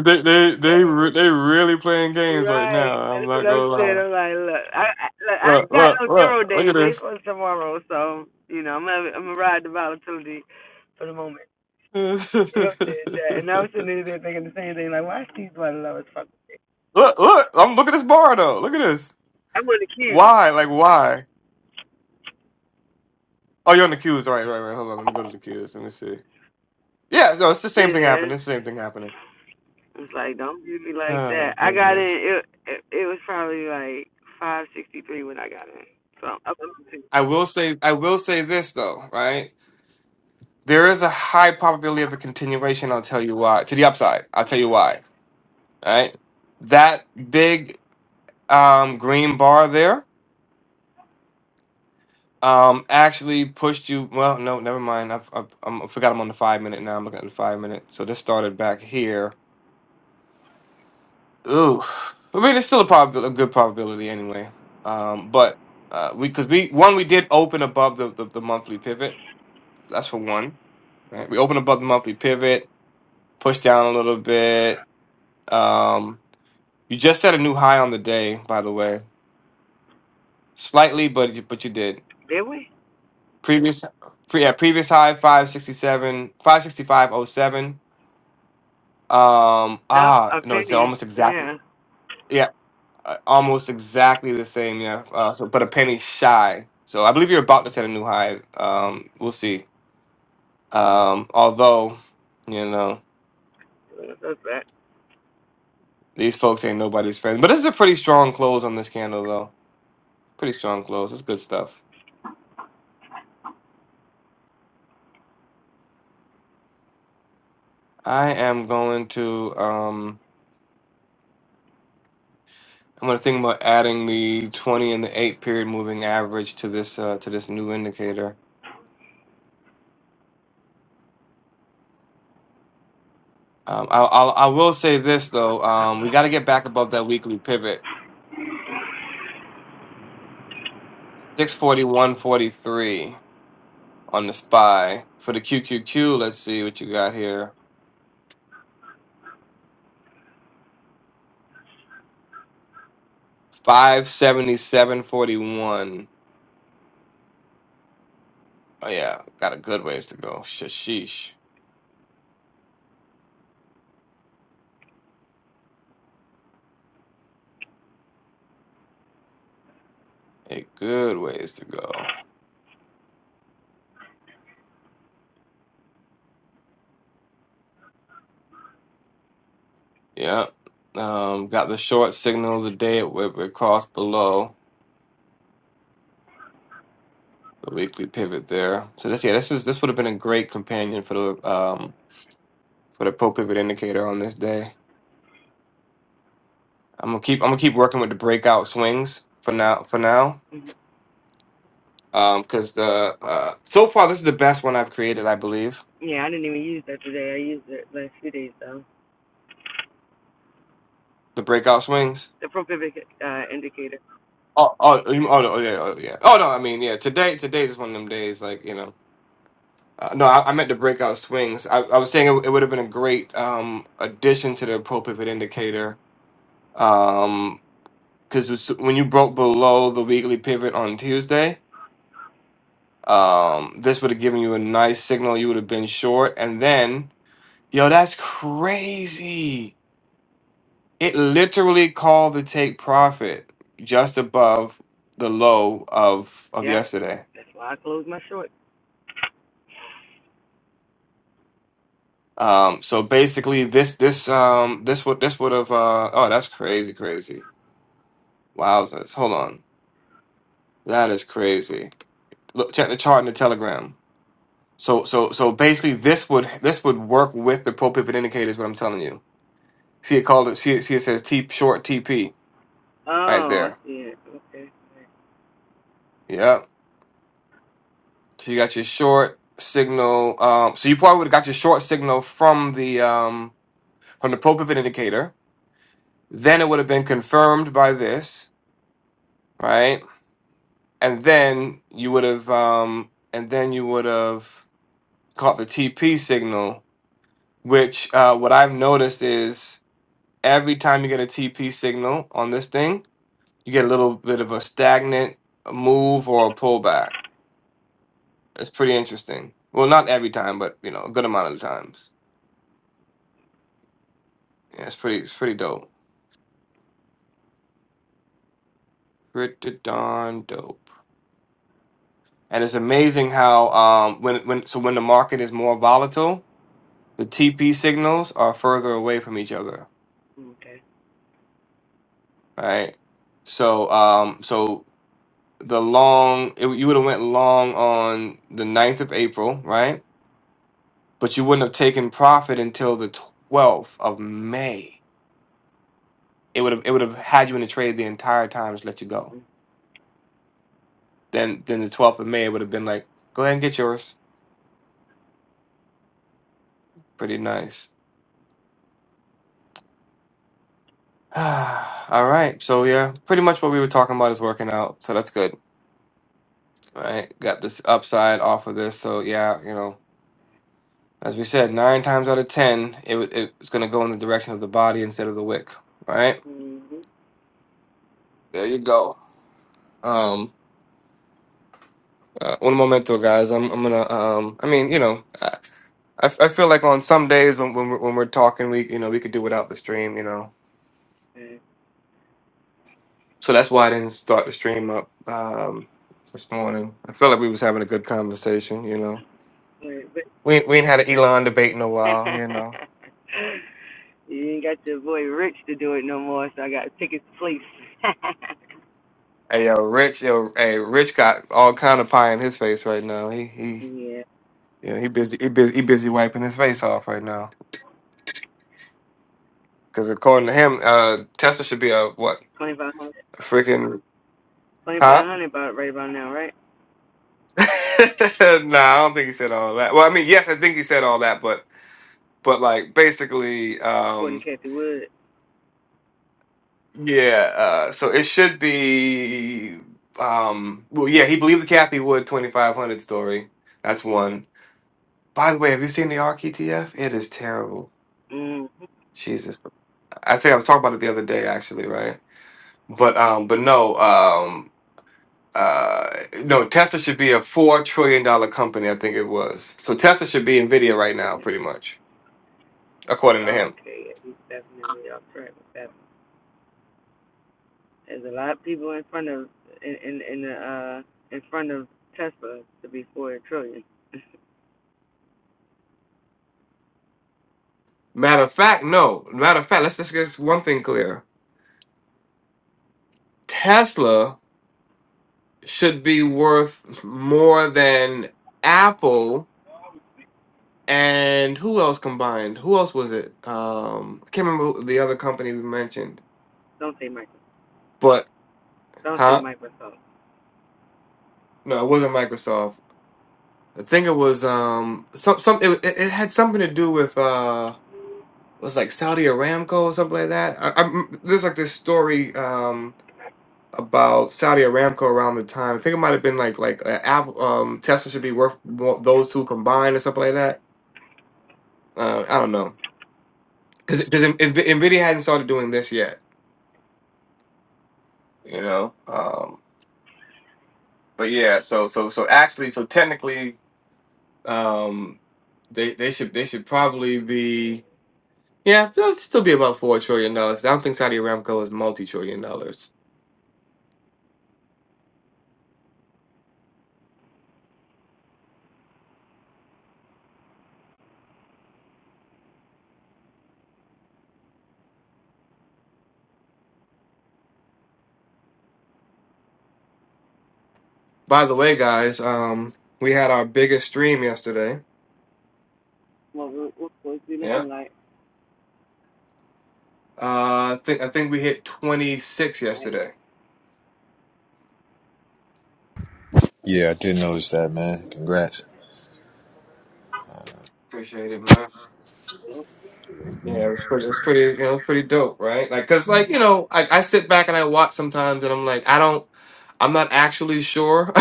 they, they, they, re- they really playing games right now. I'm That's not what I'm gonna saying. lie. I'm like, look, I, I look, I Look, ain't got look, no zero look, look at days. They this. for tomorrow, so you know, I'm gonna, I'm gonna ride the volatility for the moment. You know what look, I'm saying? That- And I was sitting there thinking the same thing, like, why Steve Butler love as fuck? look. I'm look at this bar though. Look at this. I want to keep. Why? Like why? Oh, you're on the cues. Right, right, right. Hold on. Let me go to the cues. Let me see. Yeah, no, it's the same thing Yeah. happening. It's the same thing happening. It's like, don't do me like Oh that. I got goodness. in. It it, it was probably like 5:63 when I got in. So I'm up to I will say I will say this though, right? There is a high probability of a continuation, I'll tell you why. To the upside, I'll tell you why. Right? That big um green bar there um actually pushed you well no never mind I've, I've, I'm- i forgot i'm on the five minute now i'm looking at the five minute so this started back here ooh i mean it's still a probability a good probability anyway um but uh we because we one we did open above the, the the monthly pivot that's for one right we opened above the monthly pivot pushed down a little bit. Um, you just set a new high on the day, by the way, slightly, but you, but you did. did we? Previous, pre, yeah, previous high five sixty seven, five sixty five oh seven. Um, No, ah, a no, it's penny. almost exactly, Yeah, yeah, uh, almost exactly the same, yeah. Uh, so, but a penny shy. So I believe you're about to set a new high. Um, we'll see. Um, although, you know, that's that. these folks ain't nobody's friend. But this is a pretty strong close on this candle, though. Pretty strong close. It's good stuff. I am going to um I'm gonna think about adding the 20 and the 8 period moving average to this uh to this new indicator. Um I I'll, I will say this though. Um we got to get back above that weekly pivot. 641.43 on the SPY. For the QQQ, let's see what you got here. 577.41. Oh yeah, got a good ways to go. Shashish. A good ways to go. Yeah. Um, got the short signal today at Whitbread Cross below the weekly pivot there. So this yeah, this is this would have been a great companion for the um for the pro pivot indicator on this day. I'm gonna keep I'm gonna keep working with the breakout swings for now for now. Mhm. Um, because the uh so far this is the best one I've created, I believe. Yeah, I didn't even use that today. I used it last few days though. The breakout swings. The propivic uh, indicator. Oh, oh, you- oh, no, oh, yeah, oh, yeah. Oh no, I mean, yeah. Today, today is one of them days. Like you know, Uh, no, I, I meant the breakout swings. I, I was saying it, it would have been a great um, addition to the pro pivot indicator because when you broke below the weekly pivot on Tuesday, um, this would have given you a nice signal. You would have been short, and then yo, that's crazy. It literally called the take profit just above the low of of Yep. yesterday. That's why I closed my short. Um, so basically, this this um this would this would have uh oh that's crazy crazy Wowzers. Hold on. That is crazy. Look, check the chart in the telegram. So so so basically this would this would work with the pro-pivot indicators, what I'm telling you. See it called it see it see it says T short TP right Oh, I there. see it. Okay. Yep. So you got your short signal. Um so you probably would have got your short signal from the um from the pro-pivot indicator. Then it would have been confirmed by this, right? And then you would have um and then you would have caught the TP signal Which uh, what I've noticed is every time you get a TP signal on this thing, you get a little bit of a stagnant move or a pullback. It's pretty interesting. Well, not every time, but you know, a good amount of the times. Yeah, it's pretty, it's pretty dope. Pretty darn dope. And it's amazing how um when when so when the market is more volatile, the TP signals are further away from each other, Okay. right? So um so the long it, you would have went long on the ninth of april right but you wouldn't have taken profit until the 12th of may it would have it would have had you in the trade the entire time just let you go then then the 12th of may would have been like go ahead and get yours pretty nice all right so yeah pretty much what we were talking about is working out so that's good all right got this upside off of this so yeah you know as we said nine times out of ten it, wa- it was going to go in the direction of the body instead of the wick right Mhm. There you go. Um, uh, un momento, guys. I'm I'm gonna. Um, I mean, you know, I, I I feel like on some days when when we're, when we're talking, we you know we could do without the stream, you know. Okay. So that's why I didn't start the stream up um this morning. I feel like we was having a good conversation, you know. Wait, but We ain't- we ain't had an Elon debate in a while, you know. you ain't got your boy Rich to do it no more, so I got to take his place. Hey yo, Rich, yo, hey Rich got all kind of pie in his face right now. He he. yeah. Yeah, he busy. He busy. He busy wiping his face off right now. Because according to him, uh, Tesla should be a what? Twenty five hundred. A Freaking Twenty five Huh? hundred about right about now, right? no, I don't think he said all that. Well, I mean, yes, I think he said all that, but but like basically, According um, to Kathy Wood. yeah. Uh, so it should be. Um, well, yeah, he believed the Kathy Wood twenty five hundred story. That's one. By the way, have you seen the Arc ETF? It is terrible. Mhm. Jesus, I think I was talking about it the other day, actually, right? But um, but no, um, uh, no, Tesla should be a four trillion dollar company. I think it was. So Tesla should be Nvidia right now, pretty much. according to him. Okay, at definitely off track with that. There's a lot of people in front of in in in the uh in front of Tesla to be four trillion. Matter of fact, no. Matter of fact, let's just get one thing clear. Tesla should be worth more than Apple and who else combined? Who else was it? Um, I can't remember the other company we mentioned. Don't say Microsoft. But Don't say huh? Microsoft. No, it wasn't Microsoft. I think it was um some some it, it it had something to do with uh it was like Saudi Aramco or something like that. I, I'm, there's like this story. um. about Saudi Aramco around the time. I think it might have been like like uh, Apple, um, Tesla should be worth more, those two combined or something like that. Uh, I don't know because because Nvidia hadn't started doing this yet, you know. Um, but yeah, so so so actually, so technically, um, they they should they should probably be yeah, they'll still be about four trillion dollars. I don't think Saudi Aramco is multi trillion dollars. By the way, guys, um, we had our biggest stream yesterday. Well, we're, we're supposed to be Yeah. looking like Uh, I think I think we hit 26 nice. yesterday. Yeah, I did notice that, man. Congrats. Appreciate it, man. So Yeah, it was pretty. It was pretty. You know, it's pretty dope, right? Like, cause like you know, I, I sit back and I watch sometimes, and I'm like, I don't, I'm not actually sure,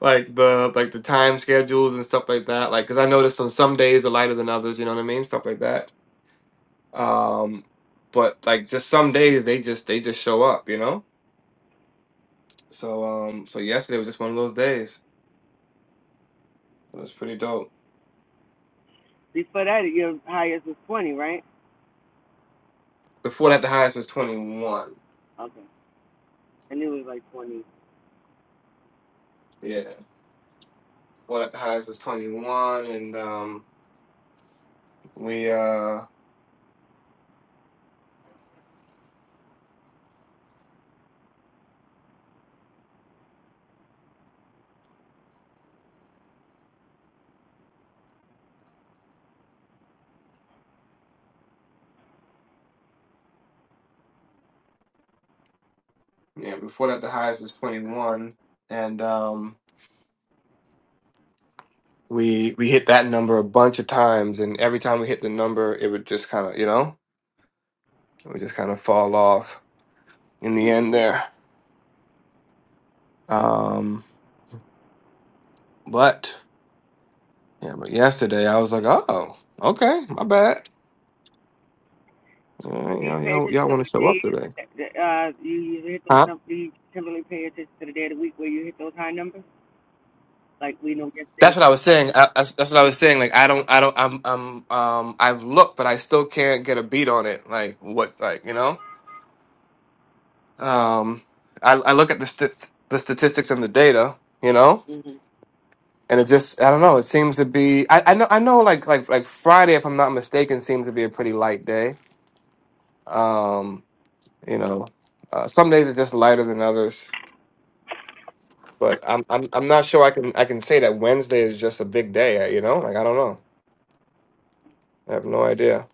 like the like the time schedules and stuff like that. Like, cause I noticed on some days are lighter than others. You know what I mean? Stuff like that. Um, but like just some days they just they just show up. You know. So um, so yesterday was just one of those days. It was pretty dope. before that, your highest was twenty, right? Before that, the highest was 21. Okay, I knew it was like twenty. Yeah. Before that, the highest was 21, and um, we uh, yeah, before that, the highest was 21, and um, we we hit that number a bunch of times, and every time we hit the number, it would just kind of you know, it would just kind of fall off in the end Mm-hmm. there. Um, but yeah, but yesterday I was like, oh, okay, my bad. All right, Do you y'all, pay y'all, attention y'all to want to what show up days? today? Uh, you you hit those. huh? num- Do you typically pay attention to the day of the week where you hit those high numbers? Like we know yesterday That's was. what I was saying. I, that's, that's what I was saying. Like I don't, I don't, I'm, I'm, um, I've looked, but I still can't get a beat on it. Like what, like you know, um, I, I look at the st- the statistics and the data, you know, Mm-hmm. and it just, I don't know. It seems to be. I, I know, I know. Like, like, like Friday, if I'm not mistaken, seems to be a pretty light day. Um, you know, uh, some days are just lighter than others, but I'm, I'm, I'm not sure. I can, I can say that Wednesday is just a big day. You know, like I don't know. I have no idea.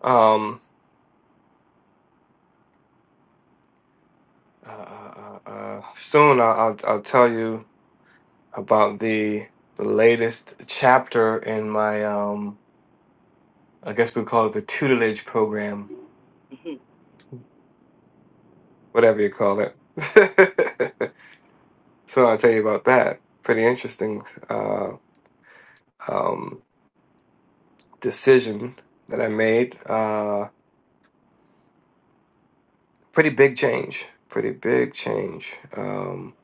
Um. uh, uh, uh, uh, soon I'll, I'll I'll tell you about the the latest chapter in my um I guess we call it the tutelage program, Mm-hmm. whatever you call it. so I'll tell you about that. Pretty interesting uh, um, decision that I made. Uh, pretty big change. Pretty big change. Um,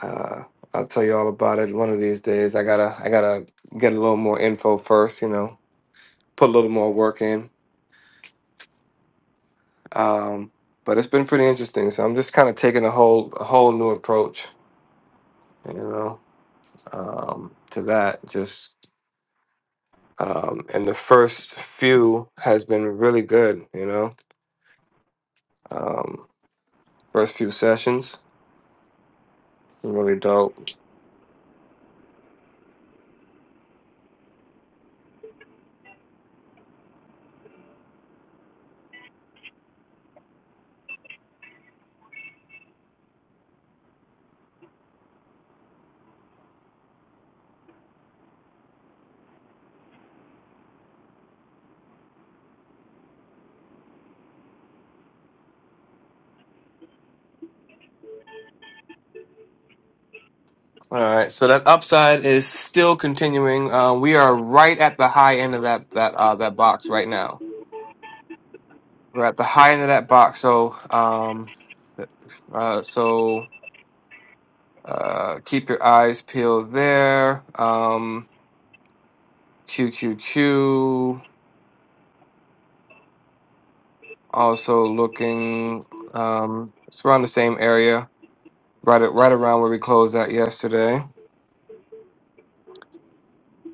uh, I'll tell you all about it one of these days. I gotta I gotta get a little more info first. You know, put a little more work in Um, but it's been pretty interesting. So I'm just kind of taking a whole a whole new approach, you know, um, to that. Just um, and the first few has been really good, you know. Um, first few sessions really dope. All right, so that upside is still continuing. Uh, we are right at the high end of that that uh, that box right now. We're at the high end of that box. So um, uh, so. Uh, keep your eyes peeled there. Um, QQQ also looking. Um, it's around the same area, right a- right around where we closed at yesterday.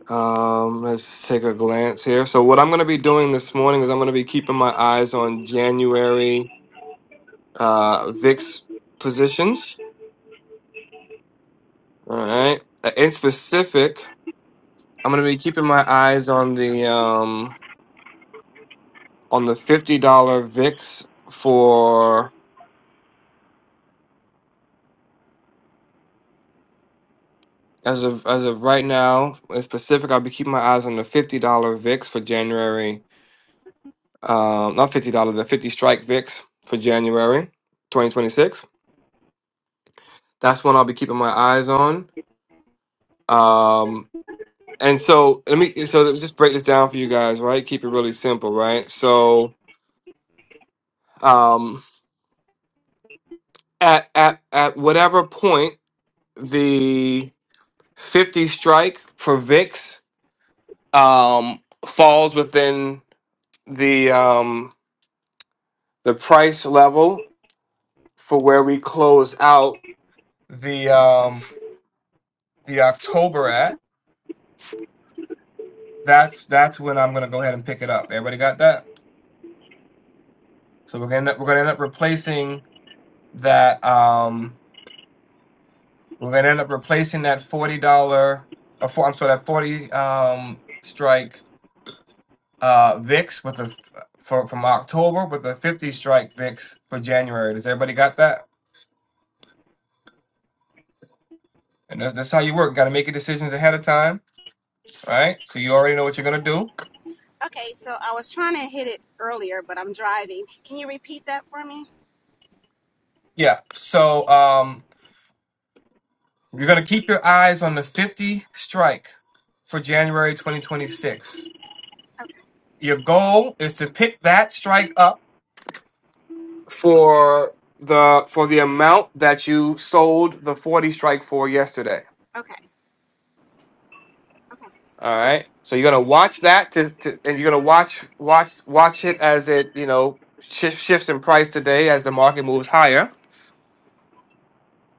Um, let's take a glance here. So what I'm going to be doing this morning is I'm going to be keeping my eyes on January uh, VIX positions. All right. Uh, In specific, I'm going to be keeping my eyes on the um, on the fifty dollar VIX for As of as of right now, in specific, I'll be keeping my eyes on the fifty dollar VIX for January. Um, not fifty dollar, the fifty strike VIX for January, twenty twenty six. That's one I'll be keeping my eyes on. Um, and so let me so let me just break this down for you guys, right? Keep it really simple, right? So um, at at at whatever point the fifty strike for VIX um, falls within the um, the price level for where we close out the um the October at. That's that's when I'm gonna go ahead and pick it up. Everybody got that? So we're gonna we're gonna end up replacing that um we're gonna end up replacing that forty dollar uh, for, I'm sorry that forty um strike uh VIX with a for from October with a fifty strike VIX for January. Does everybody got that? And that's, that's how you work. Got to make your decisions ahead of time, right? So you already know what you're gonna do. Okay, so I was trying to hit it earlier, but I'm driving. Can you repeat that for me? Yeah. So um You're going to keep your eyes on the 50 strike for January 2026. Okay, Your goal is to pick that strike up for the for the amount that you sold the 40 strike for yesterday. okay, okay, All okay. right. So you're going to watch that to, to and you're going to watch watch watch it as it, you know, shift, shifts in price today as the market moves higher.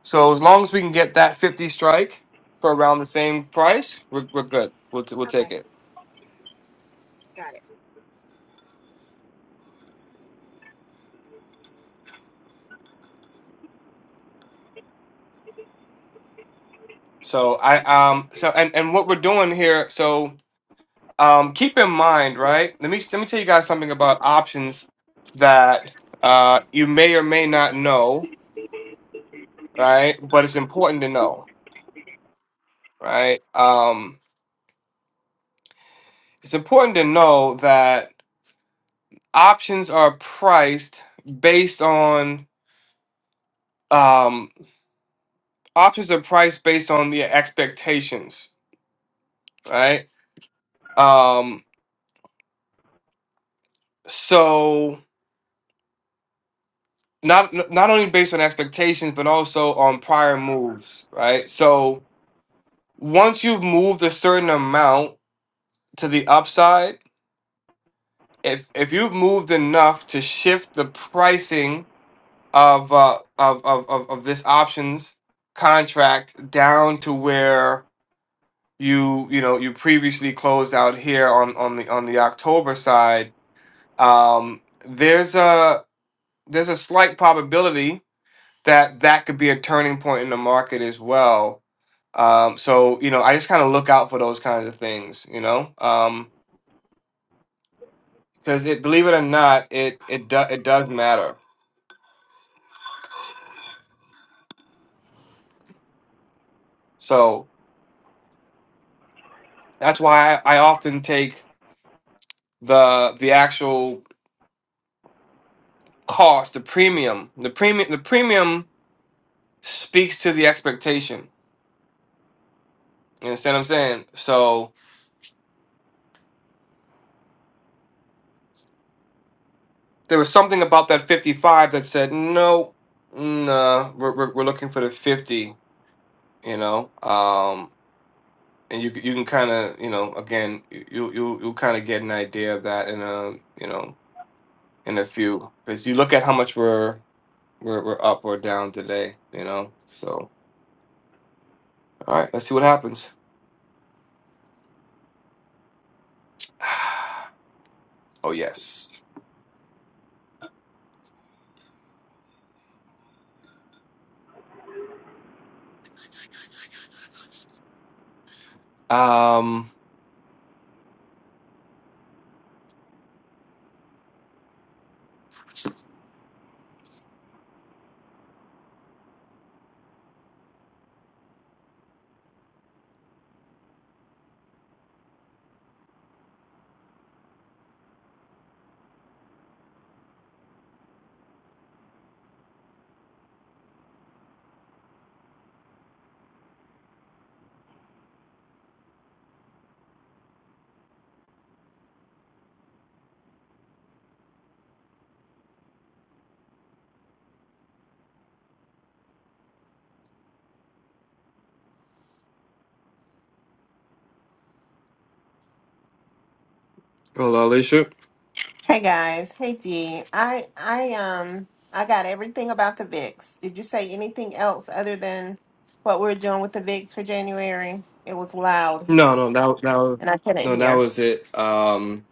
So as long as we can get that 50 strike for around the same price, we're, we're good. We'll, t- we'll take okay. it. Got it. So I um so and and what we're doing here. So um keep in mind, right? Let me let me tell you guys something about options that uh you may or may not know, right? But it's important to know, right? Um, it's important to know that options are priced based on um options are priced based on the expectations, right? Um, so not not only based on expectations but also on prior moves right so once you've moved a certain amount to the upside if if you've moved enough to shift the pricing of uh of of of, of this options contract down to where you you know you previously closed out here on on the on the october side um there's a there's a slight probability that that could be a turning point in the market as well Um, so you know, I just kind of look out for those kinds of things, you know, um, because it, believe it or not, it it do, it does matter. So that's why I, I often take the the actual cost, the premium, the premium, the premium speaks to the expectation. You understand what I'm saying? So there was something about that 55 that said no, nah, we're we're, we're looking for the 50. You know, Um, and you c- you can kind of you know again you you you'll, you'll kind of get an idea of that in a you know in a few because you look at how much we're we're we're up or down today you know so all right let's see what happens oh yes um hello Alicia Hey guys, hey G. I I um I got everything about the VIX. Did you say anything else other than what we're doing with the VIX for January? It was loud no here, no that that was and I couldn't no that hear. was it um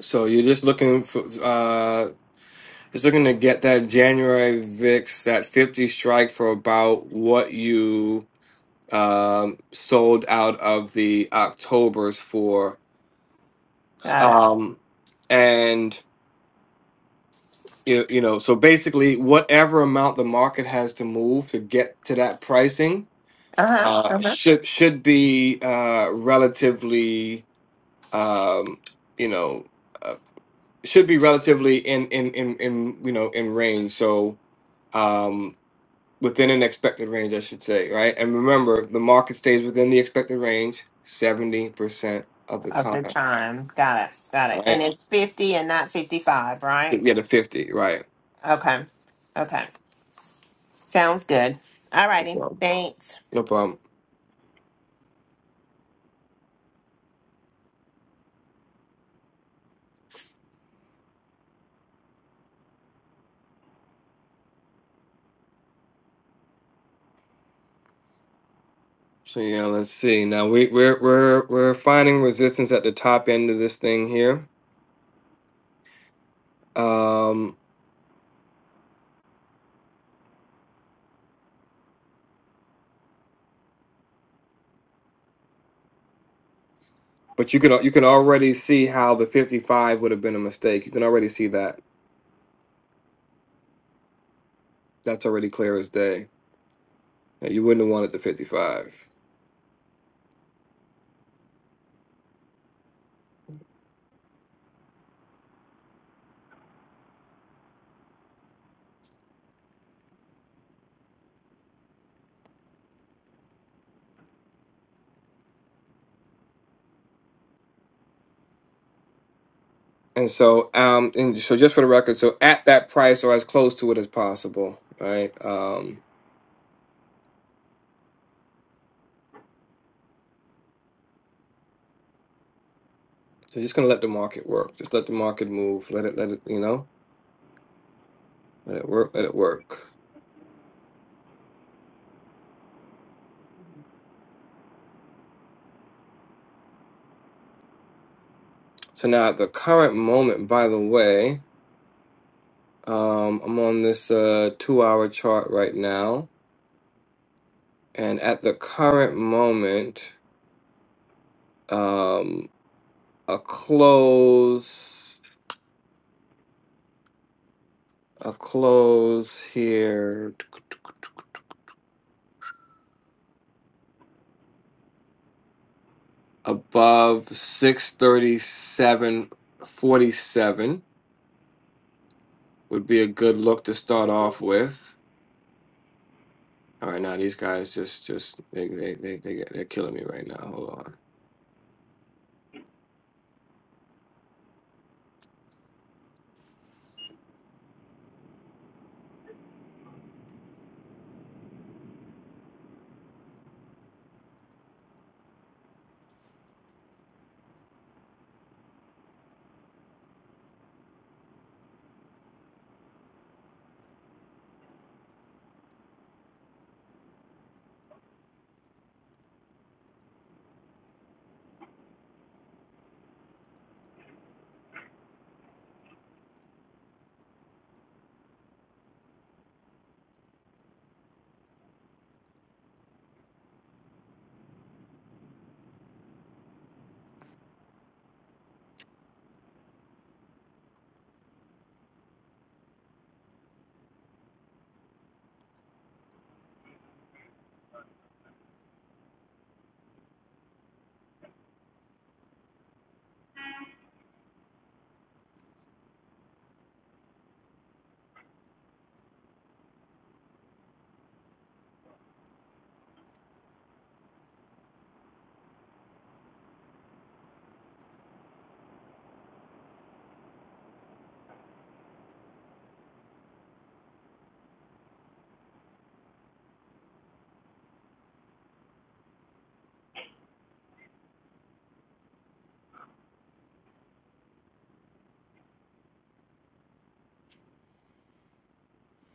so you're just looking for uh just looking to get that January VIX that 50 strike for about what you um, sold out of the Octobers for, Got it. um, and you, you know, so basically, whatever amount the market has to move to get to that pricing Uh huh. uh, Uh huh. should should be uh, relatively, um, you know, uh, should be relatively in in in in you know in range. So. Um, within an expected range, I should say, right? And remember, the market stays within the expected range 70% of the Of the time, time. Got it. Got it. And right? it's fifty and not fifty-five, right? Yeah, the 50, right? Okay. Okay. Sounds good. All No righty. problem. Thanks. No problem. So yeah, let's see. Now we we're we're we're finding resistance at the top end of this thing here. Um but you can al- you can already see how the 55 would have been a mistake. You can already see that. That's already clear as day. Now, You wouldn't have wanted the 55. And so, um, and so just for the record, so at that price or as close to it as possible, right? Um, so just gonna let the market work. Just let the market move. Let it, let it, you know, let it work, let it work. So now at the current moment, by the way, um, I'm on this uh two hour chart right now, and at the current moment, um, a close, a close here. above 637.47 would be a good look to start off with. All right, now these guys just just they they they, they get- they're killing me right now. Hold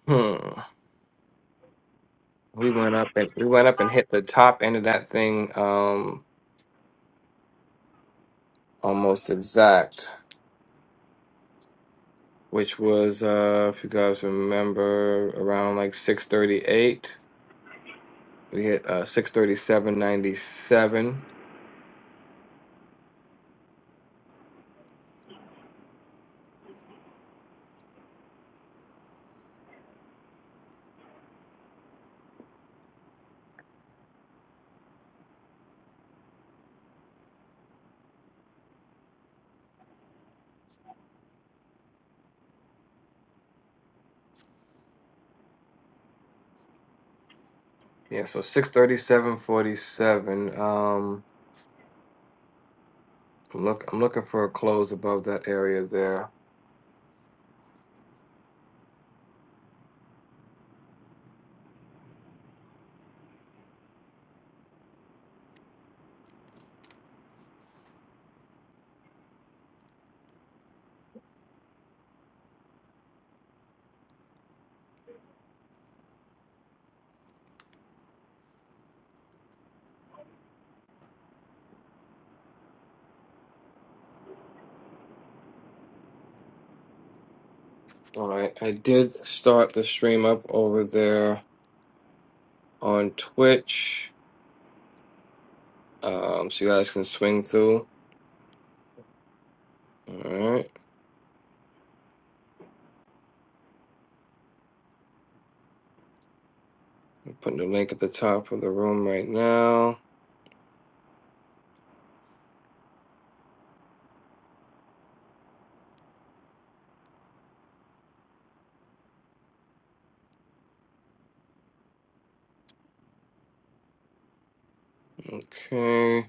on. Hmm. We went up and we went up and hit the top end of that thing um almost exact, which was uh if you guys remember around like 638. We hit uh 637.97. Yeah, so 637.47. Um I'm look I'm looking for a close above that area there. All right, I did start the stream up over there on Twitch, um, so you guys can swing through. All right, I'm putting the link at the top of the room right now. Okay.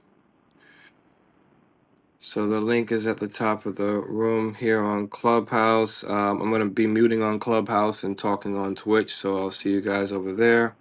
So the link is at the top of the room here on Clubhouse. Um, I'm gonna be muting on Clubhouse and talking on Twitch, so I'll see you guys over there.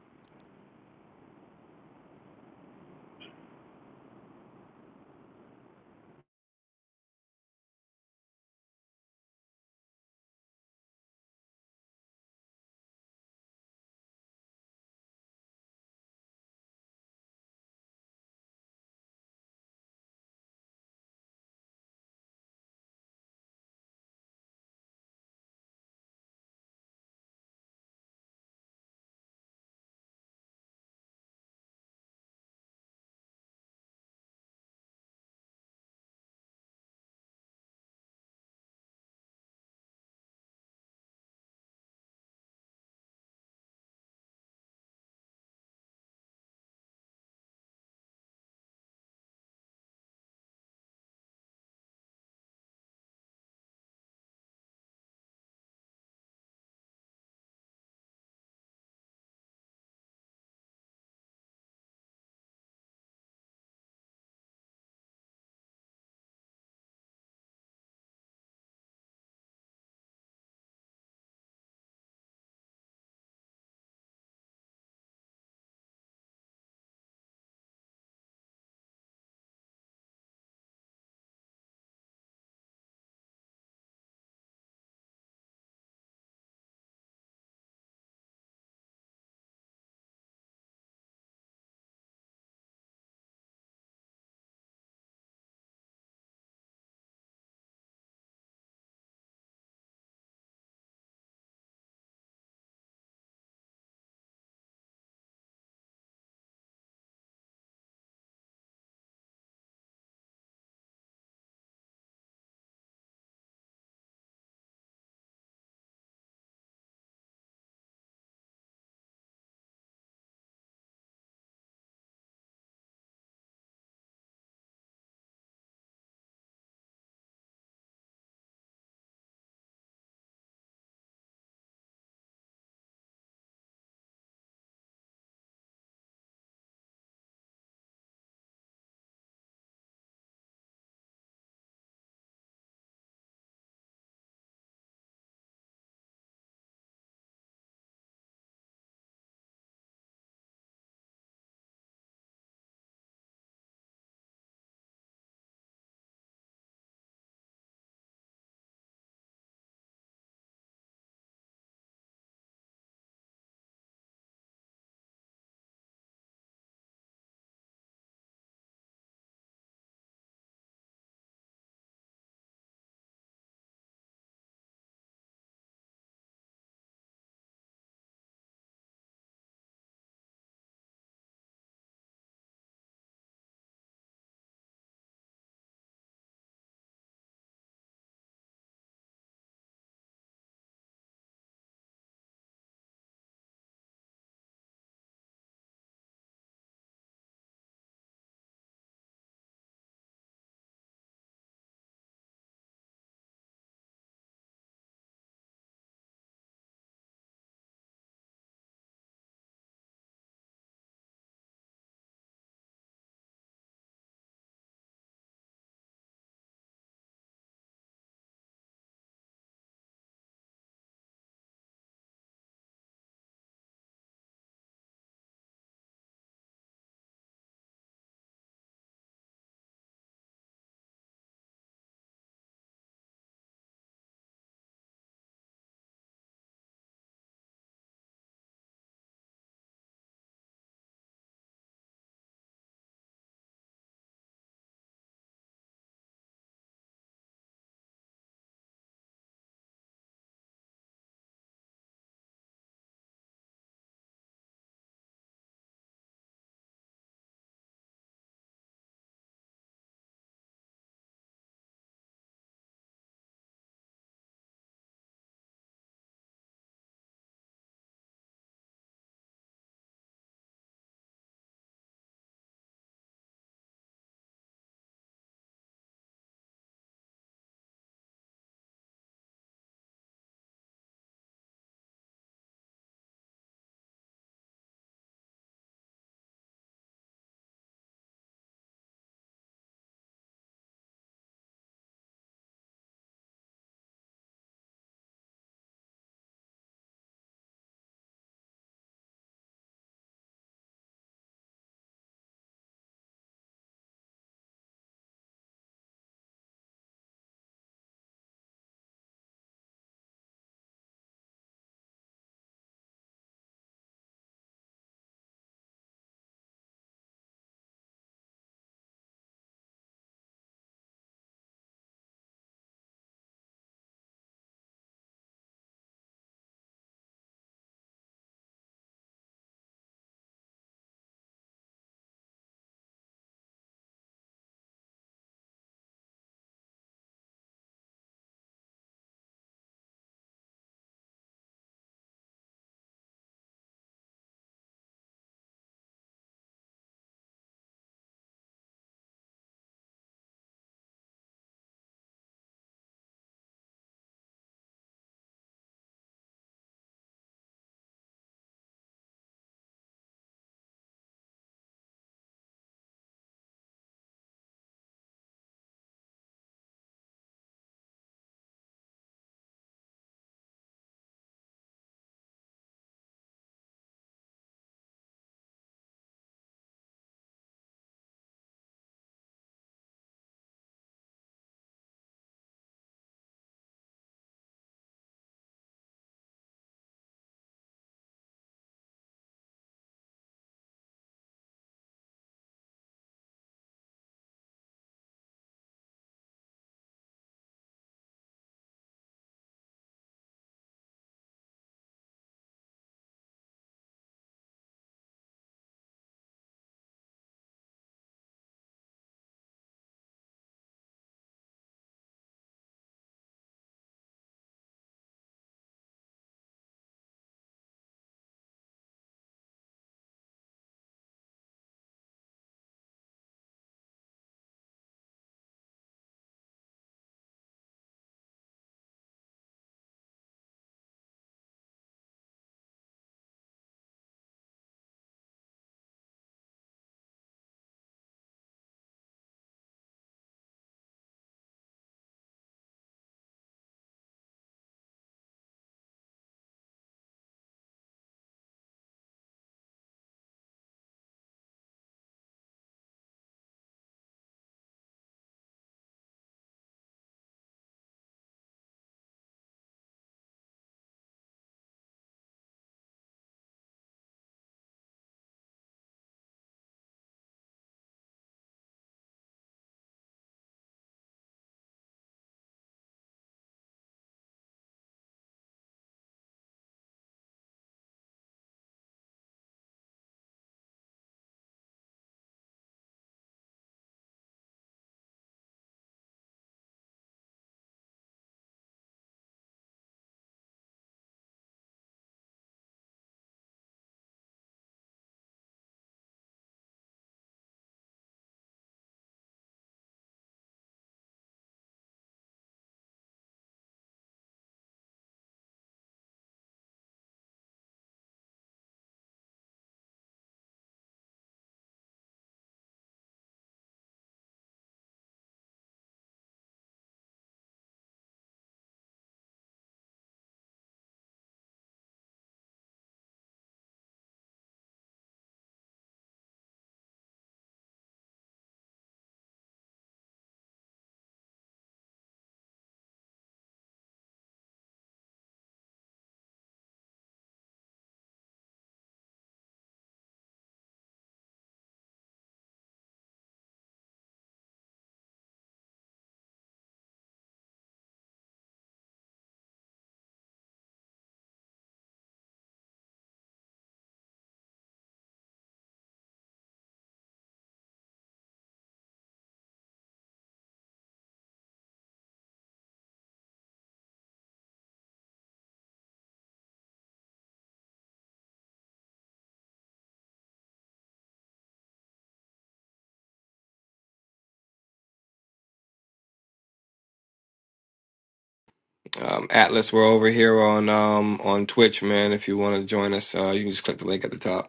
Um, Atlas, we're over here on um, on Twitch, man. If you want to join us, uh, you can just click the link at the top.